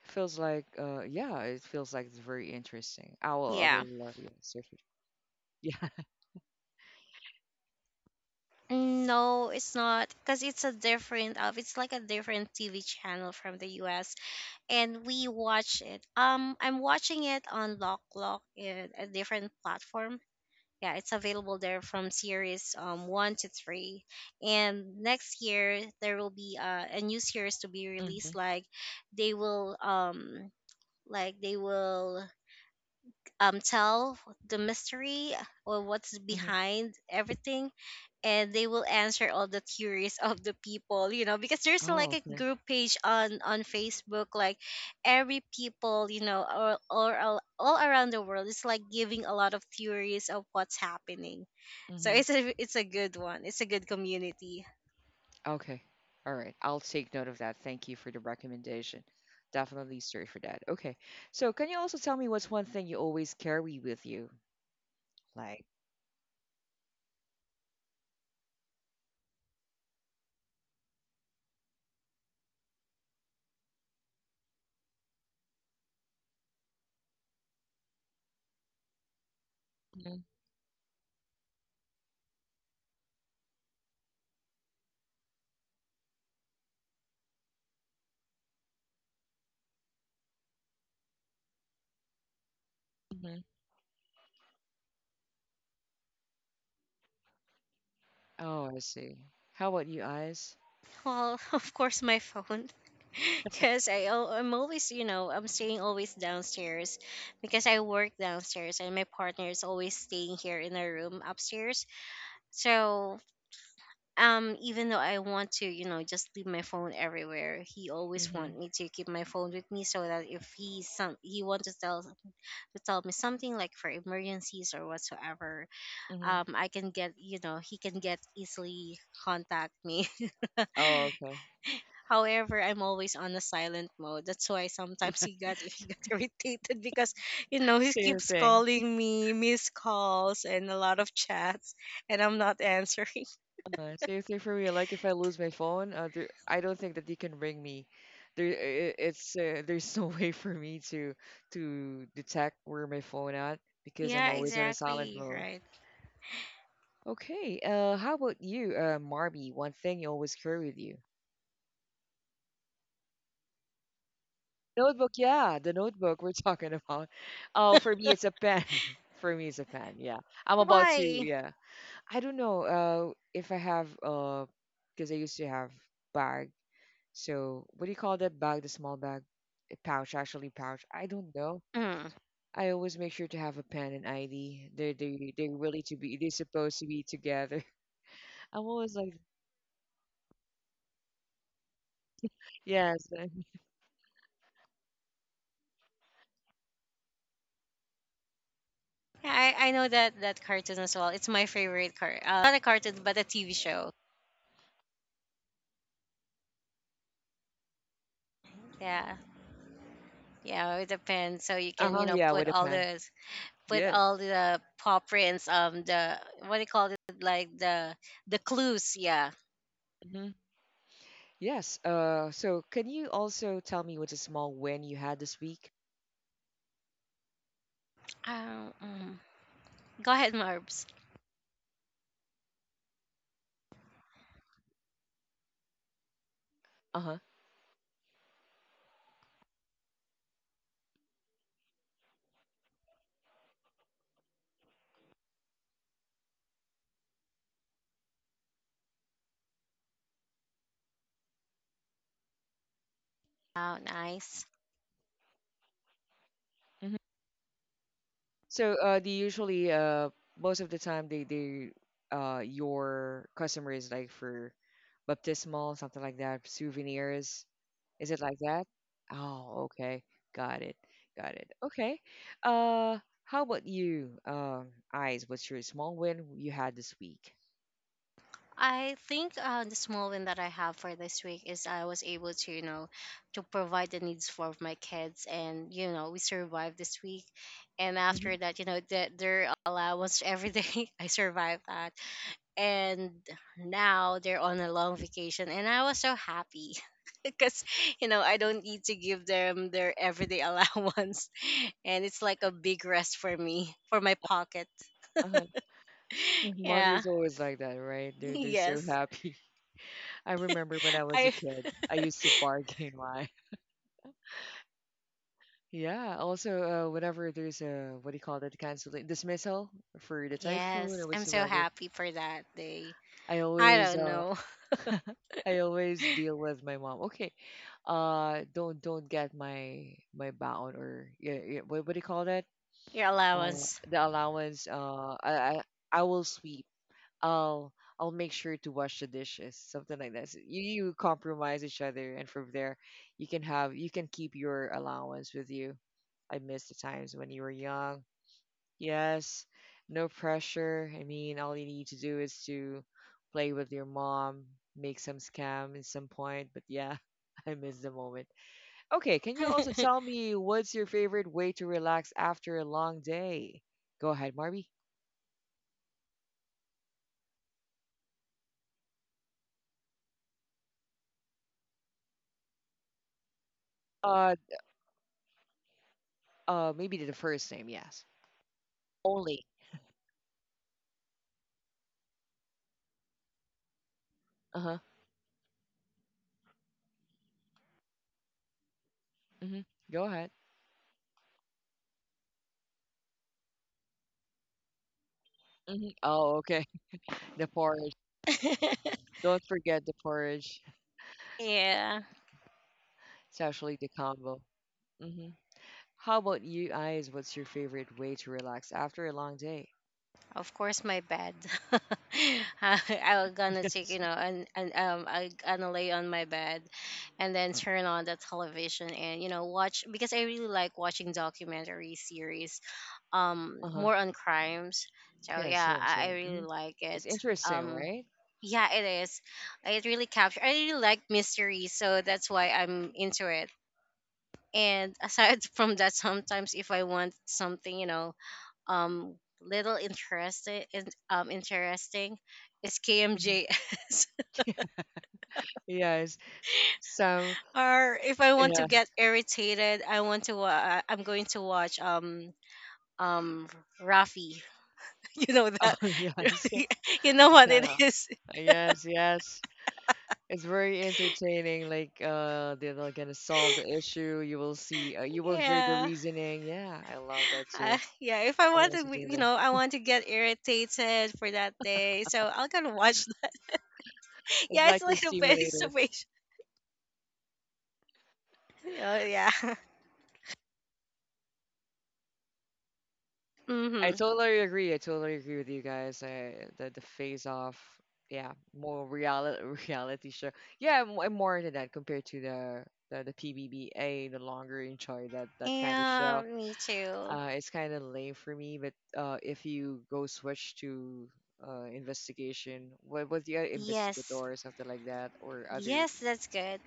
[SPEAKER 2] Feels like, yeah, it feels like it's very interesting. I
[SPEAKER 1] Yeah.
[SPEAKER 2] will, yeah, search it. Yeah.
[SPEAKER 1] No, it's not, because it's like a different TV channel from the US, and we watch it. Um, I'm watching it on Lock Lock, in a different platform. Yeah, it's available there from series 1 to 3. And next year there will be a new series to be released,
[SPEAKER 2] Mhm.
[SPEAKER 1] like they will like they will, tell the mystery or what's
[SPEAKER 2] Mhm.
[SPEAKER 1] behind everything, and they will answer all the theories of the people, you know, because there's
[SPEAKER 2] Oh,
[SPEAKER 1] like a
[SPEAKER 2] okay.
[SPEAKER 1] group page on Facebook. Like every people, you know, or all around the world, is like giving a lot of theories of what's happening. So
[SPEAKER 2] Mhm.
[SPEAKER 1] it's a, it's a good one. It's a good community.
[SPEAKER 2] Okay. All right. I'll take note of that. Thank you for the recommendation. Definitely search for that. Okay. So, can you also tell me what's one thing you always carry with you? Like, Mhm. Mhm. oh, I see. How about you, Eyes?
[SPEAKER 1] Well, of course, my phone. Because I'm always, you know, I'm staying always downstairs because I work downstairs, and my partner is always staying here in our room upstairs. So, even though I want to, you know, just leave my phone everywhere, he always
[SPEAKER 2] Mhm.
[SPEAKER 1] want me to keep my phone with me so that if he some he want to tell me something like for emergencies or whatsoever,
[SPEAKER 2] Mhm.
[SPEAKER 1] I can get, you know, he can get easily contact me.
[SPEAKER 2] Oh, okay.
[SPEAKER 1] However, I'm always on a silent mode. That's why sometimes he got he got irritated, because, you know, he
[SPEAKER 2] Same
[SPEAKER 1] keeps
[SPEAKER 2] thing.
[SPEAKER 1] calling me, missed calls and a lot of chats, and I'm not answering.
[SPEAKER 2] Seriously, for real, like if I lose my phone, there, I don't think that you can ring me. There, it's there's no way for me to detect where my phone at, because I'm
[SPEAKER 1] Yeah,
[SPEAKER 2] always on a silent
[SPEAKER 1] exactly,
[SPEAKER 2] mode.
[SPEAKER 1] right.
[SPEAKER 2] Okay, how about you, Marby? One thing you always carry with you? Notebook, yeah, the notebook we're talking about. Oh, for me, it's a pen. For me, it's a pen. Yeah, I'm about to.
[SPEAKER 1] Why?
[SPEAKER 2] Yeah, I don't know. If I have because I used to have bag. So what do you call that bag? The small bag, a pouch, actually pouch. I don't know.
[SPEAKER 1] Mm.
[SPEAKER 2] I always make sure to have a pen and ID. They really to be. They're supposed to be together. I'm always like yes,
[SPEAKER 1] Yeah, I know that that cartoon as well. It's my favorite car. It's not a cartoon, but a TV show. Yeah, yeah, it depends. So you
[SPEAKER 2] uh
[SPEAKER 1] can
[SPEAKER 2] huh, yeah,
[SPEAKER 1] put
[SPEAKER 2] with a
[SPEAKER 1] all
[SPEAKER 2] pen.
[SPEAKER 1] the put
[SPEAKER 2] Yes.
[SPEAKER 1] all the paw prints, the, what do you call it, like the clues. Yeah,
[SPEAKER 2] hmm Yes. So can you also tell me what's a small win you had this week?
[SPEAKER 1] Um, mm. go ahead, Marbs.
[SPEAKER 2] Uh huh.
[SPEAKER 1] Oh, nice.
[SPEAKER 2] hmm So they usually most of the time they your customer is like for baptismal, something like that, souvenirs. Is it like that? Oh, okay. Got it. Got it. Okay. Uh, how about you, Eyes? What's your small win you had this week?
[SPEAKER 1] I think the small win that I have for this week is I was able to, to provide the needs for my kids, and we survived this week. And after
[SPEAKER 2] Hmm
[SPEAKER 1] that, their allowance every day, I survived that. And now they're on a long vacation, and I was so happy because, I don't need to give them their everyday allowance, and it's like a big rest for me, for my pocket.
[SPEAKER 2] Uh-huh.
[SPEAKER 1] Yeah.
[SPEAKER 2] Mother's always like that, right? They're so
[SPEAKER 1] Yes.
[SPEAKER 2] happy. I remember when I was a
[SPEAKER 1] I
[SPEAKER 2] kid, I used to bargain my. Yeah. Also, whenever there's a, what do you call that, cancellation, dismissal for the typhoon or
[SPEAKER 1] yes, I'm so
[SPEAKER 2] whatsoever.
[SPEAKER 1] happy for that day.
[SPEAKER 2] I
[SPEAKER 1] I
[SPEAKER 2] always
[SPEAKER 1] don't
[SPEAKER 2] uh
[SPEAKER 1] know.
[SPEAKER 2] I always deal with my mom. Okay, don't get my bound or yeah, yeah, what do you call that,
[SPEAKER 1] Your
[SPEAKER 2] uh
[SPEAKER 1] allowance.
[SPEAKER 2] the allowance, I will sweep, I'll I'll make sure to wash the dishes, something like that, so you compromise each other, and from there you can have, you can keep your allowance with you. I miss the times when you were young. Yes, no pressure. I mean, all you need to do is to play with your mom, make some scam at some point, but yeah, I miss the moment. Okay, can you also tell me what's your favorite way to relax after a long day? Go ahead, Marby. Uh, Maybe the first name, yes. Only. Uh-huh. Hmm. Go ahead. Hmm. Oh, okay. The porridge. Don't forget the porridge.
[SPEAKER 1] Yeah.
[SPEAKER 2] It's actually the combo. Hmm. How about you, eyes? What's your favorite way to relax after a long day?
[SPEAKER 1] Of course my bed. I, I was gonna take,
[SPEAKER 2] Yes.
[SPEAKER 1] and I gonna lay on my bed and then turn on the television and, watch because I really like watching documentary series.
[SPEAKER 2] Uh-huh.
[SPEAKER 1] More on crimes. So
[SPEAKER 2] Yeah,
[SPEAKER 1] yeah,
[SPEAKER 2] same,
[SPEAKER 1] I
[SPEAKER 2] same.
[SPEAKER 1] really
[SPEAKER 2] Hmm.
[SPEAKER 1] like it.
[SPEAKER 2] It's interesting,
[SPEAKER 1] um
[SPEAKER 2] right?
[SPEAKER 1] yeah, it really captures. I really like mystery, so that's why I'm into it. And aside from that, sometimes if I want something, um little interested in, interesting, it's
[SPEAKER 2] Mhm.
[SPEAKER 1] KMJS,
[SPEAKER 2] Yes. Some,
[SPEAKER 1] or if I want to
[SPEAKER 2] yeah.
[SPEAKER 1] get irritated, I want to I'm going to watch um Rafi. You know that?
[SPEAKER 2] Oh, yes.
[SPEAKER 1] You know what
[SPEAKER 2] Shut
[SPEAKER 1] it
[SPEAKER 2] up.
[SPEAKER 1] is?
[SPEAKER 2] Yes, yes. It's very entertaining. Like they're not gonna solve the issue. You will see you will hear the
[SPEAKER 1] Yeah.
[SPEAKER 2] reasoning. Yeah, I love that too.
[SPEAKER 1] Yeah. If I
[SPEAKER 2] I'm
[SPEAKER 1] want to,
[SPEAKER 2] also
[SPEAKER 1] w-
[SPEAKER 2] doing
[SPEAKER 1] you know,
[SPEAKER 2] that.
[SPEAKER 1] I want to get irritated for that day, so I'll gonna watch.
[SPEAKER 2] It's
[SPEAKER 1] Yeah, it's
[SPEAKER 2] like your
[SPEAKER 1] like a face to
[SPEAKER 2] simulator.
[SPEAKER 1] face. Oh yeah.
[SPEAKER 2] I
[SPEAKER 1] Mm-hmm.
[SPEAKER 2] totally agree. I totally agree with you guys. I, the phase off, yeah, more reality reality show. Yeah, I'm more into that compared to the PBBA. The longer enjoy that kind of show.
[SPEAKER 1] Yeah, me too.
[SPEAKER 2] It's kind of lame for me, but if you go switch to investigation, what was the other investigator
[SPEAKER 1] Yes.
[SPEAKER 2] or something like that, or other,
[SPEAKER 1] Yes, that's good.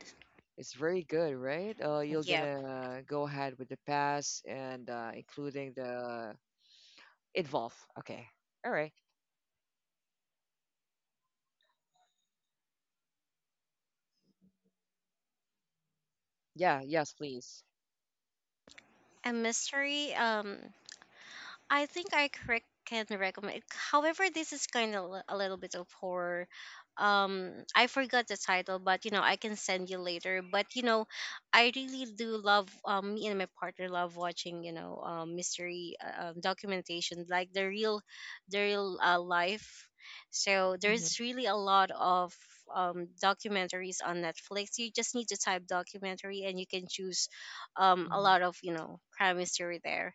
[SPEAKER 2] it's very good, right? You're
[SPEAKER 1] Yep.
[SPEAKER 2] gonna go ahead with the pass and including the involve. Okay, all right. Yeah, yes, please.
[SPEAKER 1] A mystery. I think can recommend. However, this is kind of a little bit of horror. I forgot the title, but I can send you later. But I really do love. Me and my partner love watching. Mystery, documentation, like the real life. So
[SPEAKER 2] Hmm.
[SPEAKER 1] there's really a lot of documentaries on Netflix. You just need to type documentary, and you can choose a
[SPEAKER 2] Hmm.
[SPEAKER 1] lot of crime mystery there.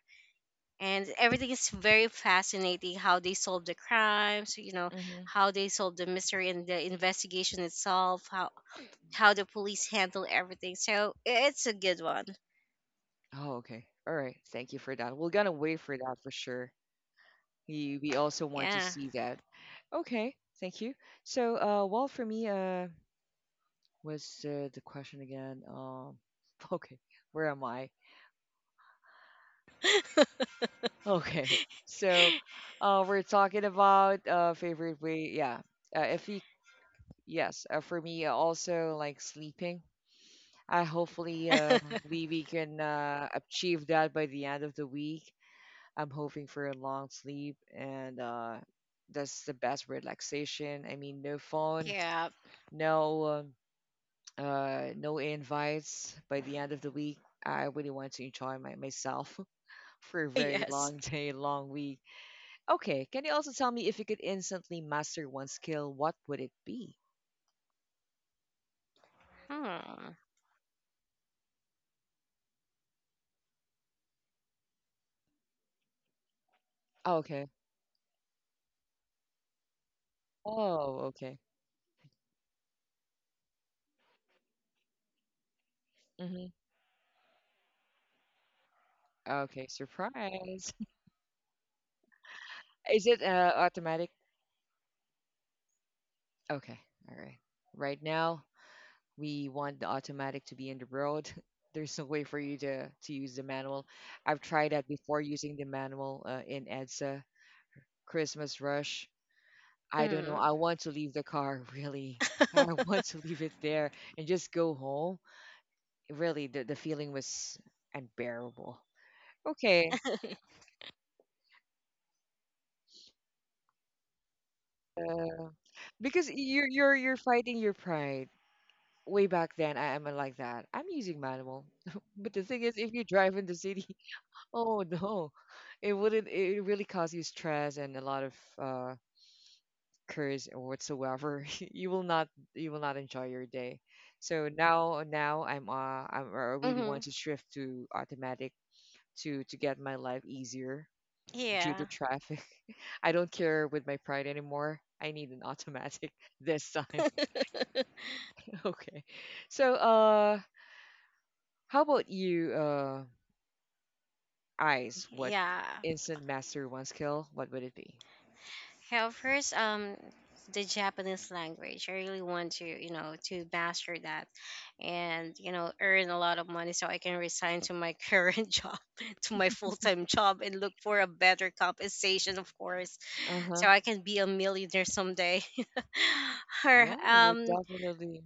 [SPEAKER 1] And everything is very fascinating, how they solve the crimes,
[SPEAKER 2] Hmm.
[SPEAKER 1] how they solve the mystery, and the investigation itself, how the police handle everything. So it's a good one.
[SPEAKER 2] Oh, okay. All right. Thank you for that. We're gonna wait for that for sure. We also want to
[SPEAKER 1] Yeah.
[SPEAKER 2] see that. Okay. Thank you. So, well, for me, what's the question again? Okay, where am I? Okay, so we're talking about favorite way. Yeah, if you yes, for me also like sleeping. I hopefully we can achieve that by the end of the week. I'm hoping for a long sleep, and that's the best relaxation. I mean, no phone,
[SPEAKER 1] Yeah.
[SPEAKER 2] no. No invites by the end of the week. I really want to enjoy my, myself for a very
[SPEAKER 1] Yes.
[SPEAKER 2] long day, long week. Okay, can you also tell me if you could instantly master one skill, what would it be?
[SPEAKER 1] Hmm.
[SPEAKER 2] Okay. Oh, okay. Hmm. Okay, surprise. Is it automatic? Okay, all right. Right now, we want the automatic to be in the road. There's no way for you to use the manual. I've tried that before using the manual in EDSA Christmas Rush. I don't know.
[SPEAKER 1] Mm.
[SPEAKER 2] I want to leave the car, really. I want to leave it there and just go home. Really, the feeling was unbearable. Okay. Uh, because you're fighting your pride. Way back then, I am like that. I'm using manual, but the thing is, if you drive in the city, oh no, it wouldn't. It really cause you stress and a lot of uh, curse whatsoever you will not you will not enjoy your day. So now I'm I'm, I really
[SPEAKER 1] Mhm.
[SPEAKER 2] want to shift to automatic to get my life easier due to
[SPEAKER 1] Yeah.
[SPEAKER 2] traffic I don't care with my pride anymore. I need an automatic this time. Okay, so how about you, eyes? What
[SPEAKER 1] Yeah.
[SPEAKER 2] instant master one skill, what would it be?
[SPEAKER 1] Hell, first, the Japanese language. I really want to, to master that, and earn a lot of money so I can resign to my current job, to my full time job, and look for a better compensation, of course,
[SPEAKER 2] Uh-huh.
[SPEAKER 1] so I can be a millionaire someday. Or
[SPEAKER 2] Yeah,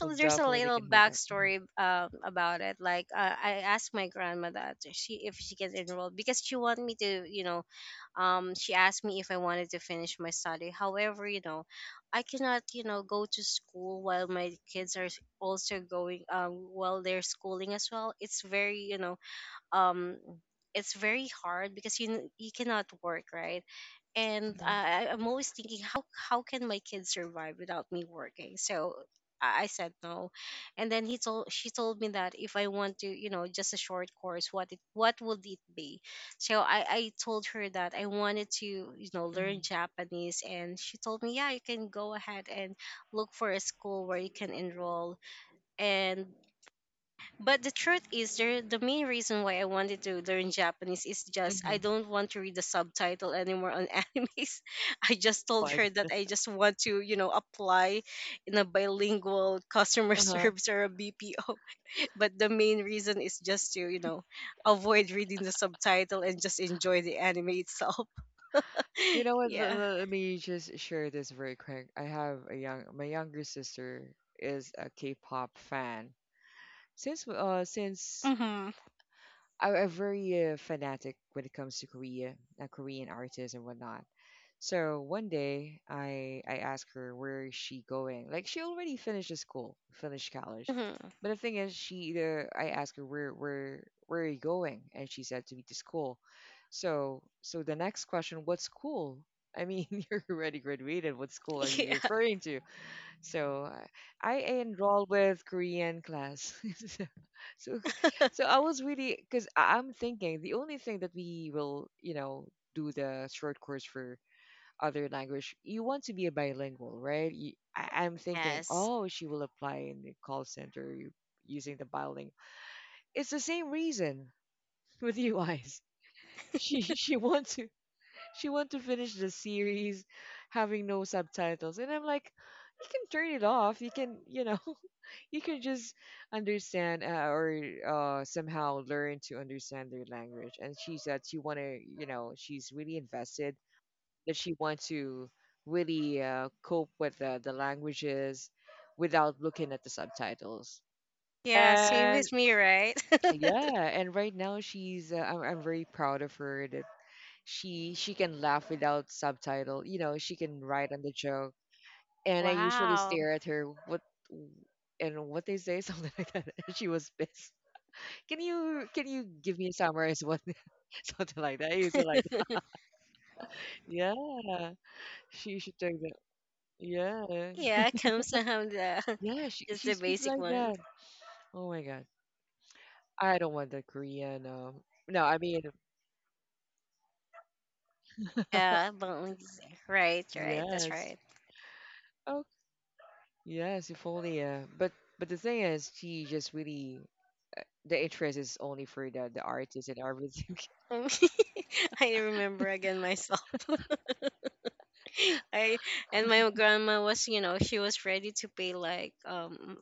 [SPEAKER 2] we'll
[SPEAKER 1] there's a
[SPEAKER 2] definitely
[SPEAKER 1] little
[SPEAKER 2] can have that.
[SPEAKER 1] backstory about it. Like I asked my grandma that she if she can enroll because she wanted me to, she asked me if I wanted to finish my study. However, I cannot, go to school while my kids are also going while they're schooling as well. Um it's very hard because you cannot work, right? And
[SPEAKER 2] Hmm.
[SPEAKER 1] I'm always thinking, how can my kids survive without me working? So I said no, and then he told she told me that if I want to, just a short course, what it what would it be? So I told her that I wanted to, learn
[SPEAKER 2] Hmm.
[SPEAKER 1] Japanese, and she told me yeah, you can go ahead and look for a school where you can enroll. And but the truth is, the main reason why I wanted to learn Japanese is just I
[SPEAKER 2] Hmm.
[SPEAKER 1] don't want to read the subtitle anymore on animes. I just told her that
[SPEAKER 2] Hmm.
[SPEAKER 1] I just want to, apply in a bilingual customer
[SPEAKER 2] Uh-huh.
[SPEAKER 1] service or a BPO. But the main reason is just to, avoid reading the subtitle and just enjoy the anime itself.
[SPEAKER 2] You know what?
[SPEAKER 1] Yeah.
[SPEAKER 2] Let me just share this very quick. I have a young, my younger sister is a K-pop fan. Since
[SPEAKER 1] Mm-hmm.
[SPEAKER 2] I'm a very fanatic when it comes to Korea, Korean artists and whatnot. So one day I asked her where is she going. Like she already finished the school, finished college.
[SPEAKER 1] Hmm.
[SPEAKER 2] But the thing is she either I asked her where where are you going? And she said to me to school. So so the next question, what school? I mean, you're already graduated. What school are you
[SPEAKER 1] Yeah.
[SPEAKER 2] referring to? So I enrolled with Korean class. so, so, okay, so I was really because I'm thinking the only thing that we will you know do the short course for other language. You want to be a bilingual, right? You, I'm thinking,
[SPEAKER 1] Yes.
[SPEAKER 2] oh, she will apply in the call center using the bilingual. It's the same reason with you guys. She wants to she want to finish the series, having no subtitles, and I'm like, you can turn it off. You can you know you can just understand or somehow learn to understand their language. And she said she want to you know she's really invested that she wants to really cope with the languages without looking at the subtitles.
[SPEAKER 1] Yeah. Same
[SPEAKER 2] And
[SPEAKER 1] with me, right?
[SPEAKER 2] yeah, and right now she's I'm very proud of her that she can laugh without subtitle. You know, she can write on the joke. And I usually
[SPEAKER 1] Wow.
[SPEAKER 2] stare at her what and what they say something like that. She was pissed. Can you give me a summary what something like that? I used to like that. Yeah, she should take that. Yeah.
[SPEAKER 1] Yeah, comes somehow the
[SPEAKER 2] Yeah, she
[SPEAKER 1] just
[SPEAKER 2] she
[SPEAKER 1] the
[SPEAKER 2] speaks
[SPEAKER 1] basic
[SPEAKER 2] like
[SPEAKER 1] one.
[SPEAKER 2] that. Oh my God. I don't want the Korean. No, I mean,
[SPEAKER 1] Yeah, boneless. Right, right, that's
[SPEAKER 2] yes.
[SPEAKER 1] right.
[SPEAKER 2] Oh, yes, if only. But the thing is, she just really the interest is only for the artist and everything.
[SPEAKER 1] Um, I remember again myself. I and my grandma was, she was ready to pay like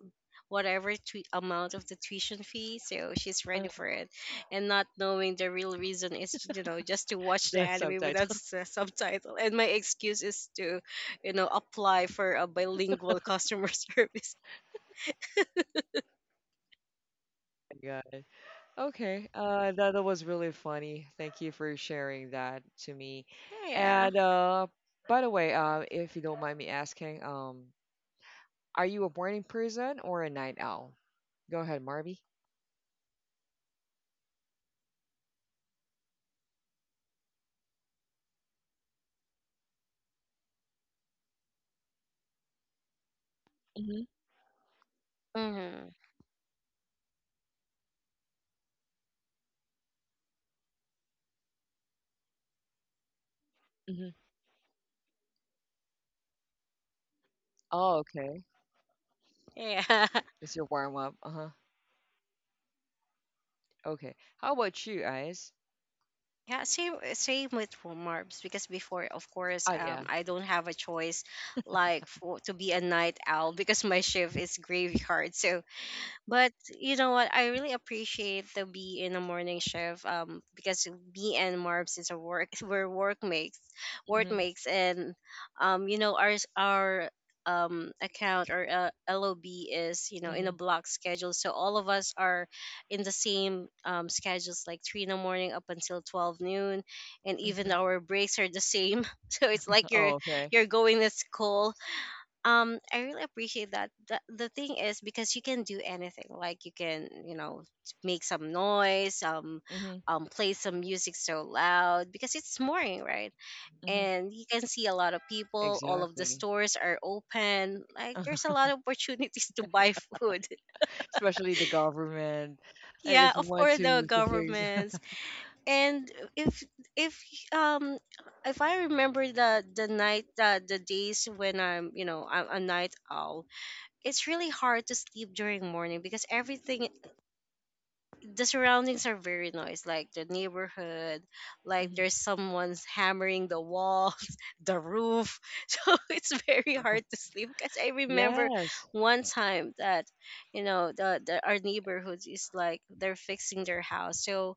[SPEAKER 1] whatever amount of the tuition fee, so she's
[SPEAKER 2] Uh,
[SPEAKER 1] ready for it. And not knowing the real reason is, just to watch the
[SPEAKER 2] the
[SPEAKER 1] anime
[SPEAKER 2] subtitle.
[SPEAKER 1] without subtitle. And my excuse is to, apply for a bilingual customer service.
[SPEAKER 2] Oh my God. Okay. That, that was really funny. Thank you for sharing that to me.
[SPEAKER 1] Yeah.
[SPEAKER 2] And by the way, if you don't mind me asking, are you a morning person or a night owl? Go ahead, Marby.
[SPEAKER 1] Mm-hmm.
[SPEAKER 2] Hmm. Oh, okay.
[SPEAKER 1] Yeah.
[SPEAKER 2] It's your warm up. Uh-huh. Okay. How about you guys?
[SPEAKER 1] Yeah, same with Marbs, because before, of course,
[SPEAKER 2] Oh yeah.
[SPEAKER 1] I don't have a choice, like for to be a night owl because my shift is graveyard. So, but you know what? I really appreciate to be in a morning shift because me and Marbs is a work we're work
[SPEAKER 2] Hmm.
[SPEAKER 1] makes. And our our account or LOB is, in
[SPEAKER 2] Hmm.
[SPEAKER 1] a block schedule, so all of us are in the same schedules, like 3 in the morning up until 12 noon, and even
[SPEAKER 2] Hmm.
[SPEAKER 1] our breaks are the same. So it's like you're
[SPEAKER 2] Oh, okay.
[SPEAKER 1] you're going to school. I really appreciate that. The thing is, because you can do anything, like you can, make some noise,
[SPEAKER 2] Hmm.
[SPEAKER 1] play some music so loud because it's morning, right?
[SPEAKER 2] Hmm.
[SPEAKER 1] And you can see a lot of people, all of the
[SPEAKER 2] Exactly.
[SPEAKER 1] stores are open, like there's a lot of opportunities to buy food.
[SPEAKER 2] Especially the government.
[SPEAKER 1] Yeah,
[SPEAKER 2] If you
[SPEAKER 1] of
[SPEAKER 2] want
[SPEAKER 1] course, the
[SPEAKER 2] to fix.
[SPEAKER 1] governments. And if if um if I remember the, night, the days when I'm you know, I'm a night owl, it's really hard to sleep during morning because everything, the surroundings, are very noisy, like the neighborhood, like
[SPEAKER 2] Mhm.
[SPEAKER 1] there's someone's hammering the walls, the roof. So it's very hard to sleep because I remember
[SPEAKER 2] Yes.
[SPEAKER 1] one time that, the, our neighborhood is like they're fixing their house, so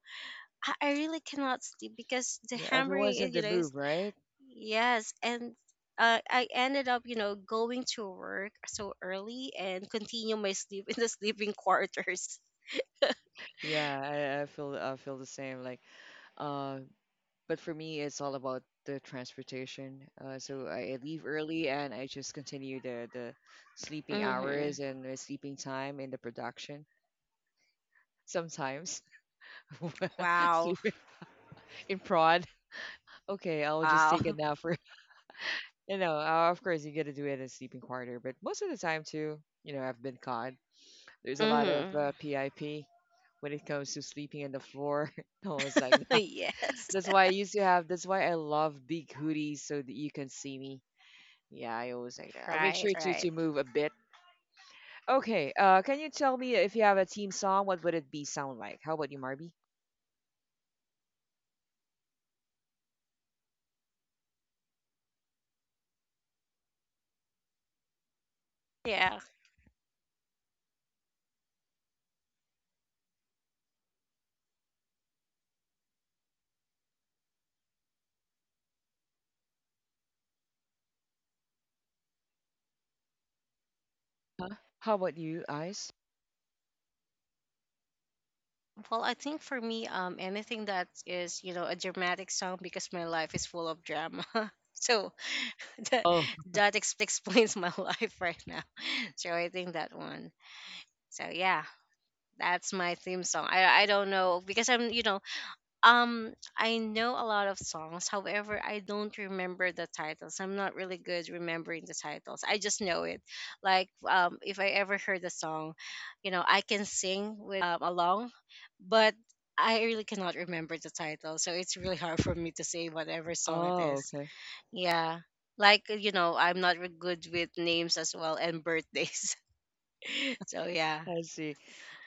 [SPEAKER 1] I really cannot sleep because the
[SPEAKER 2] Yeah, everyone's
[SPEAKER 1] hammering,
[SPEAKER 2] in the
[SPEAKER 1] you know.
[SPEAKER 2] move, right?
[SPEAKER 1] Yes, and I ended up, going to work so early and continue my sleep in the sleeping quarters.
[SPEAKER 2] Yeah, I feel the same. Like, uh, but for me, it's all about the transportation. So I leave early and I just continue the sleeping
[SPEAKER 1] Mm-hmm.
[SPEAKER 2] hours and the sleeping time in the production. Sometimes
[SPEAKER 1] Wow.
[SPEAKER 2] sleep in prod. Okay, I'll just
[SPEAKER 1] Wow.
[SPEAKER 2] take a nap for you know. Of course, you gotta do it in a sleeping quarter, but most of the time too. You know, I've been caught. There's a lot of
[SPEAKER 1] Mm-hmm.
[SPEAKER 2] PIP when it comes to sleeping on the floor. Always like that.
[SPEAKER 1] Yes.
[SPEAKER 2] That's why I used to have. That's why I love big hoodies so that you can see me. Yeah, I always like that. I'll make
[SPEAKER 1] Right.
[SPEAKER 2] sure
[SPEAKER 1] Right.
[SPEAKER 2] to move a bit. Okay. Can you tell me if you have a team song? What would it be sound like? How about you, Marby?
[SPEAKER 1] Yeah.
[SPEAKER 2] How about you, Ice?
[SPEAKER 1] Well, I think for me, anything that is, a dramatic song because my life is full of drama. So that
[SPEAKER 2] Oh,
[SPEAKER 1] that explains my life right now. So I think that one. So yeah, that's my theme song. I don't know because I know a lot of songs. However, I don't remember the titles. I'm not really good remembering the titles. I just know it. Like, if I ever heard the song, I can sing with along, but I really cannot remember the title. So it's really hard for me to say whatever song it
[SPEAKER 2] oh,
[SPEAKER 1] is.
[SPEAKER 2] okay.
[SPEAKER 1] Yeah. Like, I'm not good with names as well, and birthdays. So yeah.
[SPEAKER 2] I see.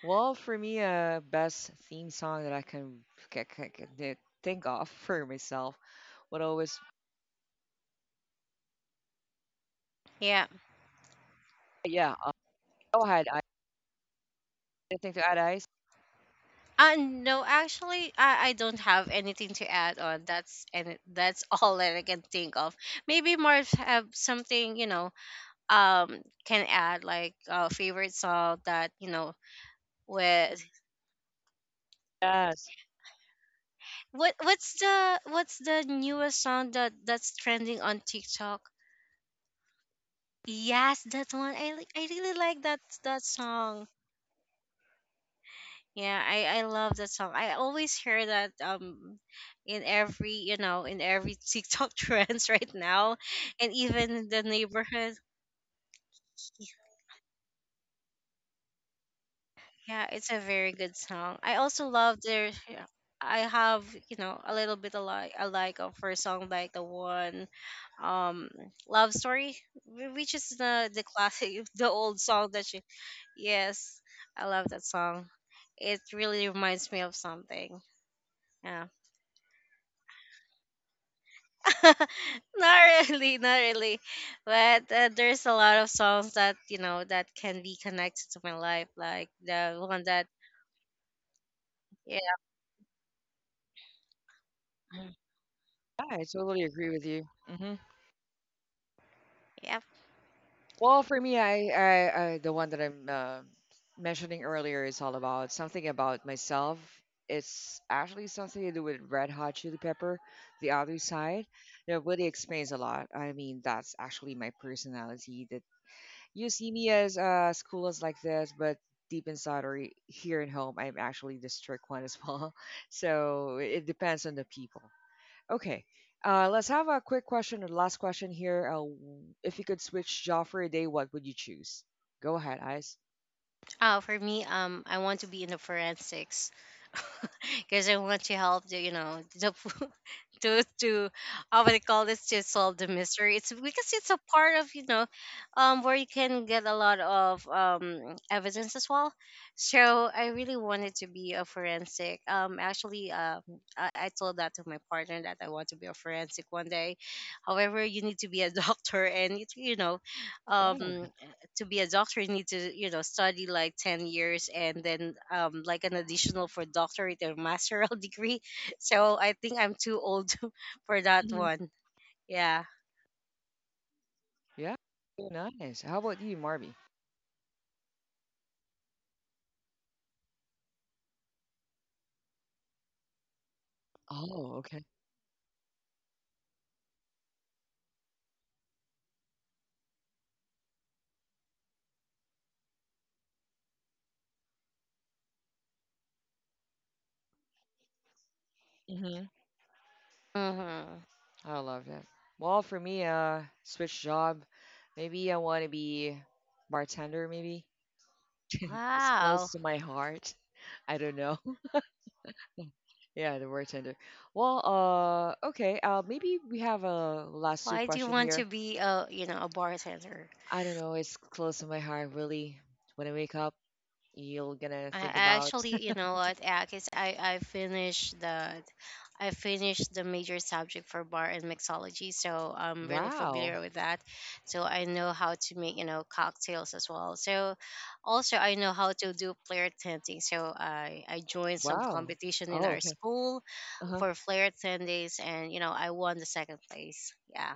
[SPEAKER 2] Well, for me, best theme song that I can, ca- ca- ca- thi- think of for myself would always,
[SPEAKER 1] Yeah,
[SPEAKER 2] yeah. Go ahead, anything to add, Ice?
[SPEAKER 1] No, actually, I don't have anything to add on. That's and that's all that I can think of. Maybe Marv have something, can add, like favorite song that, with
[SPEAKER 2] Yes.
[SPEAKER 1] what what's the newest song that that's trending on TikTok? Yes, that one. I really like that song. Yeah, I love that song. I always hear that in every, in every TikTok trends right now, and even in the neighborhood. Yeah, it's a very good song. I also love their. Yeah, I have, a little bit alike. I like of her song, like the one, um Love Story, which is the classic, the old song that she. Yes, I love that song. It really reminds me of something. Yeah. Not really, not really. But there's a lot of songs that, you know, that can be connected to my life, like the one that yeah,
[SPEAKER 2] I totally agree with you. Hmm.
[SPEAKER 1] yeah.
[SPEAKER 2] Well, for me, I the one that I'm mentioning earlier is all about something about myself. It's actually something to do with Red Hot Chili Pepper, the other side. That really explains a lot. I mean, that's actually my personality. That you see me as cool as like this, but deep inside or here at home, I'm actually the strict one as well. So it depends on the people. Okay. Let's have a quick question or last question here. If you could switch job for a day, what would you choose? Go ahead, Ice.
[SPEAKER 1] Oh, for me, I want to be in the forensics because I want to help the, the to, how would I call this, to solve the mystery. It's because it's a part of, where you can get a lot of evidence as well. So I really wanted to be a forensic. Actually, I told that to my partner that I want to be a forensic one day. However, you need to be a doctor, and it, um to be a doctor, you need to, study like 10 years and then like an additional for doctorate or masteral degree. So I think I'm too old for that
[SPEAKER 2] Hmm.
[SPEAKER 1] one. Yeah.
[SPEAKER 2] Yeah, nice. How about you, Marby? Oh, okay. Hmm.
[SPEAKER 1] Hmm.
[SPEAKER 2] I love that. Well, for me, switch job. Maybe I want to be bartender. Maybe it's close
[SPEAKER 1] Wow.
[SPEAKER 2] to my heart. I don't know. Yeah, the bartender. Well, okay. Maybe we have a last two
[SPEAKER 1] Why do you
[SPEAKER 2] question
[SPEAKER 1] want to
[SPEAKER 2] here.
[SPEAKER 1] be a, a bartender?
[SPEAKER 2] I don't know, it's close to my heart, really. When I wake up, you're gonna
[SPEAKER 1] I
[SPEAKER 2] think about,
[SPEAKER 1] actually, you know what, Akis, I finished the major subject for bar and mixology, so I'm really
[SPEAKER 2] wow,
[SPEAKER 1] familiar with that. So I know how to make, cocktails as well. So also I know how to do flair tending. So I joined some
[SPEAKER 2] wow.
[SPEAKER 1] competition in
[SPEAKER 2] Oh,
[SPEAKER 1] our
[SPEAKER 2] okay.
[SPEAKER 1] school
[SPEAKER 2] Uh-huh.
[SPEAKER 1] for flair tendings, and I won the second place. Yeah.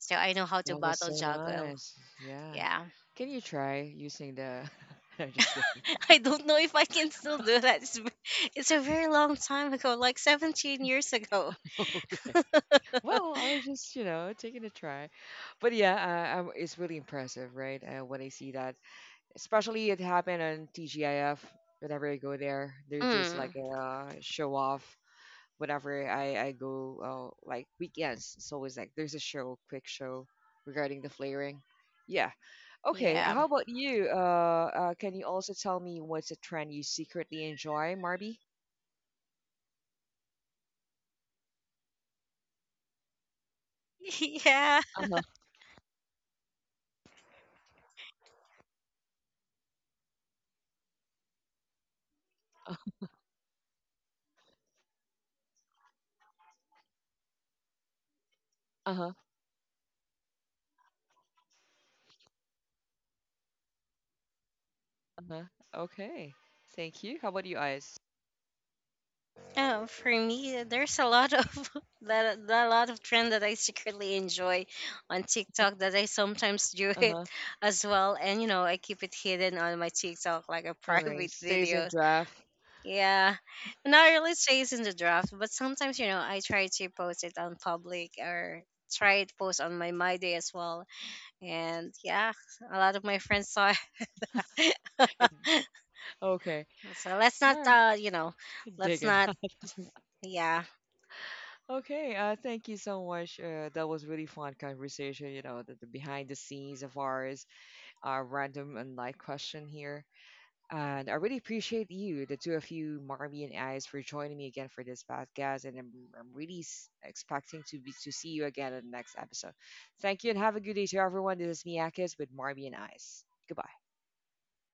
[SPEAKER 1] So I know how to
[SPEAKER 2] That was
[SPEAKER 1] battle
[SPEAKER 2] so
[SPEAKER 1] juggle.
[SPEAKER 2] nice. Yeah.
[SPEAKER 1] Yeah.
[SPEAKER 2] Can you try using the. I'm just kidding.
[SPEAKER 1] I don't know if I can still do that. It's a very long time ago, like 17 years ago.
[SPEAKER 2] Okay. Well, I was just, you know, taking a try. But yeah, I'm, it's really impressive, right? When I see that, especially it happened on TGIF. Whenever I go there, there's like
[SPEAKER 1] Mm,
[SPEAKER 2] a show off whenever I go like weekends, it's always like there's a show, quick show regarding the flavoring. Yeah. Okay.
[SPEAKER 1] yeah.
[SPEAKER 2] How about you? Can you also tell me what's a trend you secretly enjoy, Marby? Uh huh. Uh huh. Uh huh. Okay. Thank you. How about you, Eyes?
[SPEAKER 1] Yeah. For me, there's a lot of that a lot of trend that I secretly enjoy on TikTok that I sometimes do
[SPEAKER 2] Uh
[SPEAKER 1] it
[SPEAKER 2] huh.
[SPEAKER 1] as well, and I keep it hidden on my TikTok, like a
[SPEAKER 2] Okay.
[SPEAKER 1] private
[SPEAKER 2] Stays in
[SPEAKER 1] videos.
[SPEAKER 2] draft.
[SPEAKER 1] Yeah, not really, stays in the draft, but sometimes, I try to post it on public or try to post on my day as well, and yeah, a lot of my friends saw it.
[SPEAKER 2] Okay.
[SPEAKER 1] So let's not,
[SPEAKER 2] Alright, dig
[SPEAKER 1] let's
[SPEAKER 2] it.
[SPEAKER 1] not yeah.
[SPEAKER 2] Okay, thank you so much. That was really fun conversation, you know, the behind the scenes of ours, random and light question here. And I really appreciate you, the two of you, Marmy and Ice, for joining me again for this podcast. And I'm really expecting to be to see you again in the next episode. Thank you and have a good day to everyone. This is Miyakis with Marmy and Ice. Goodbye.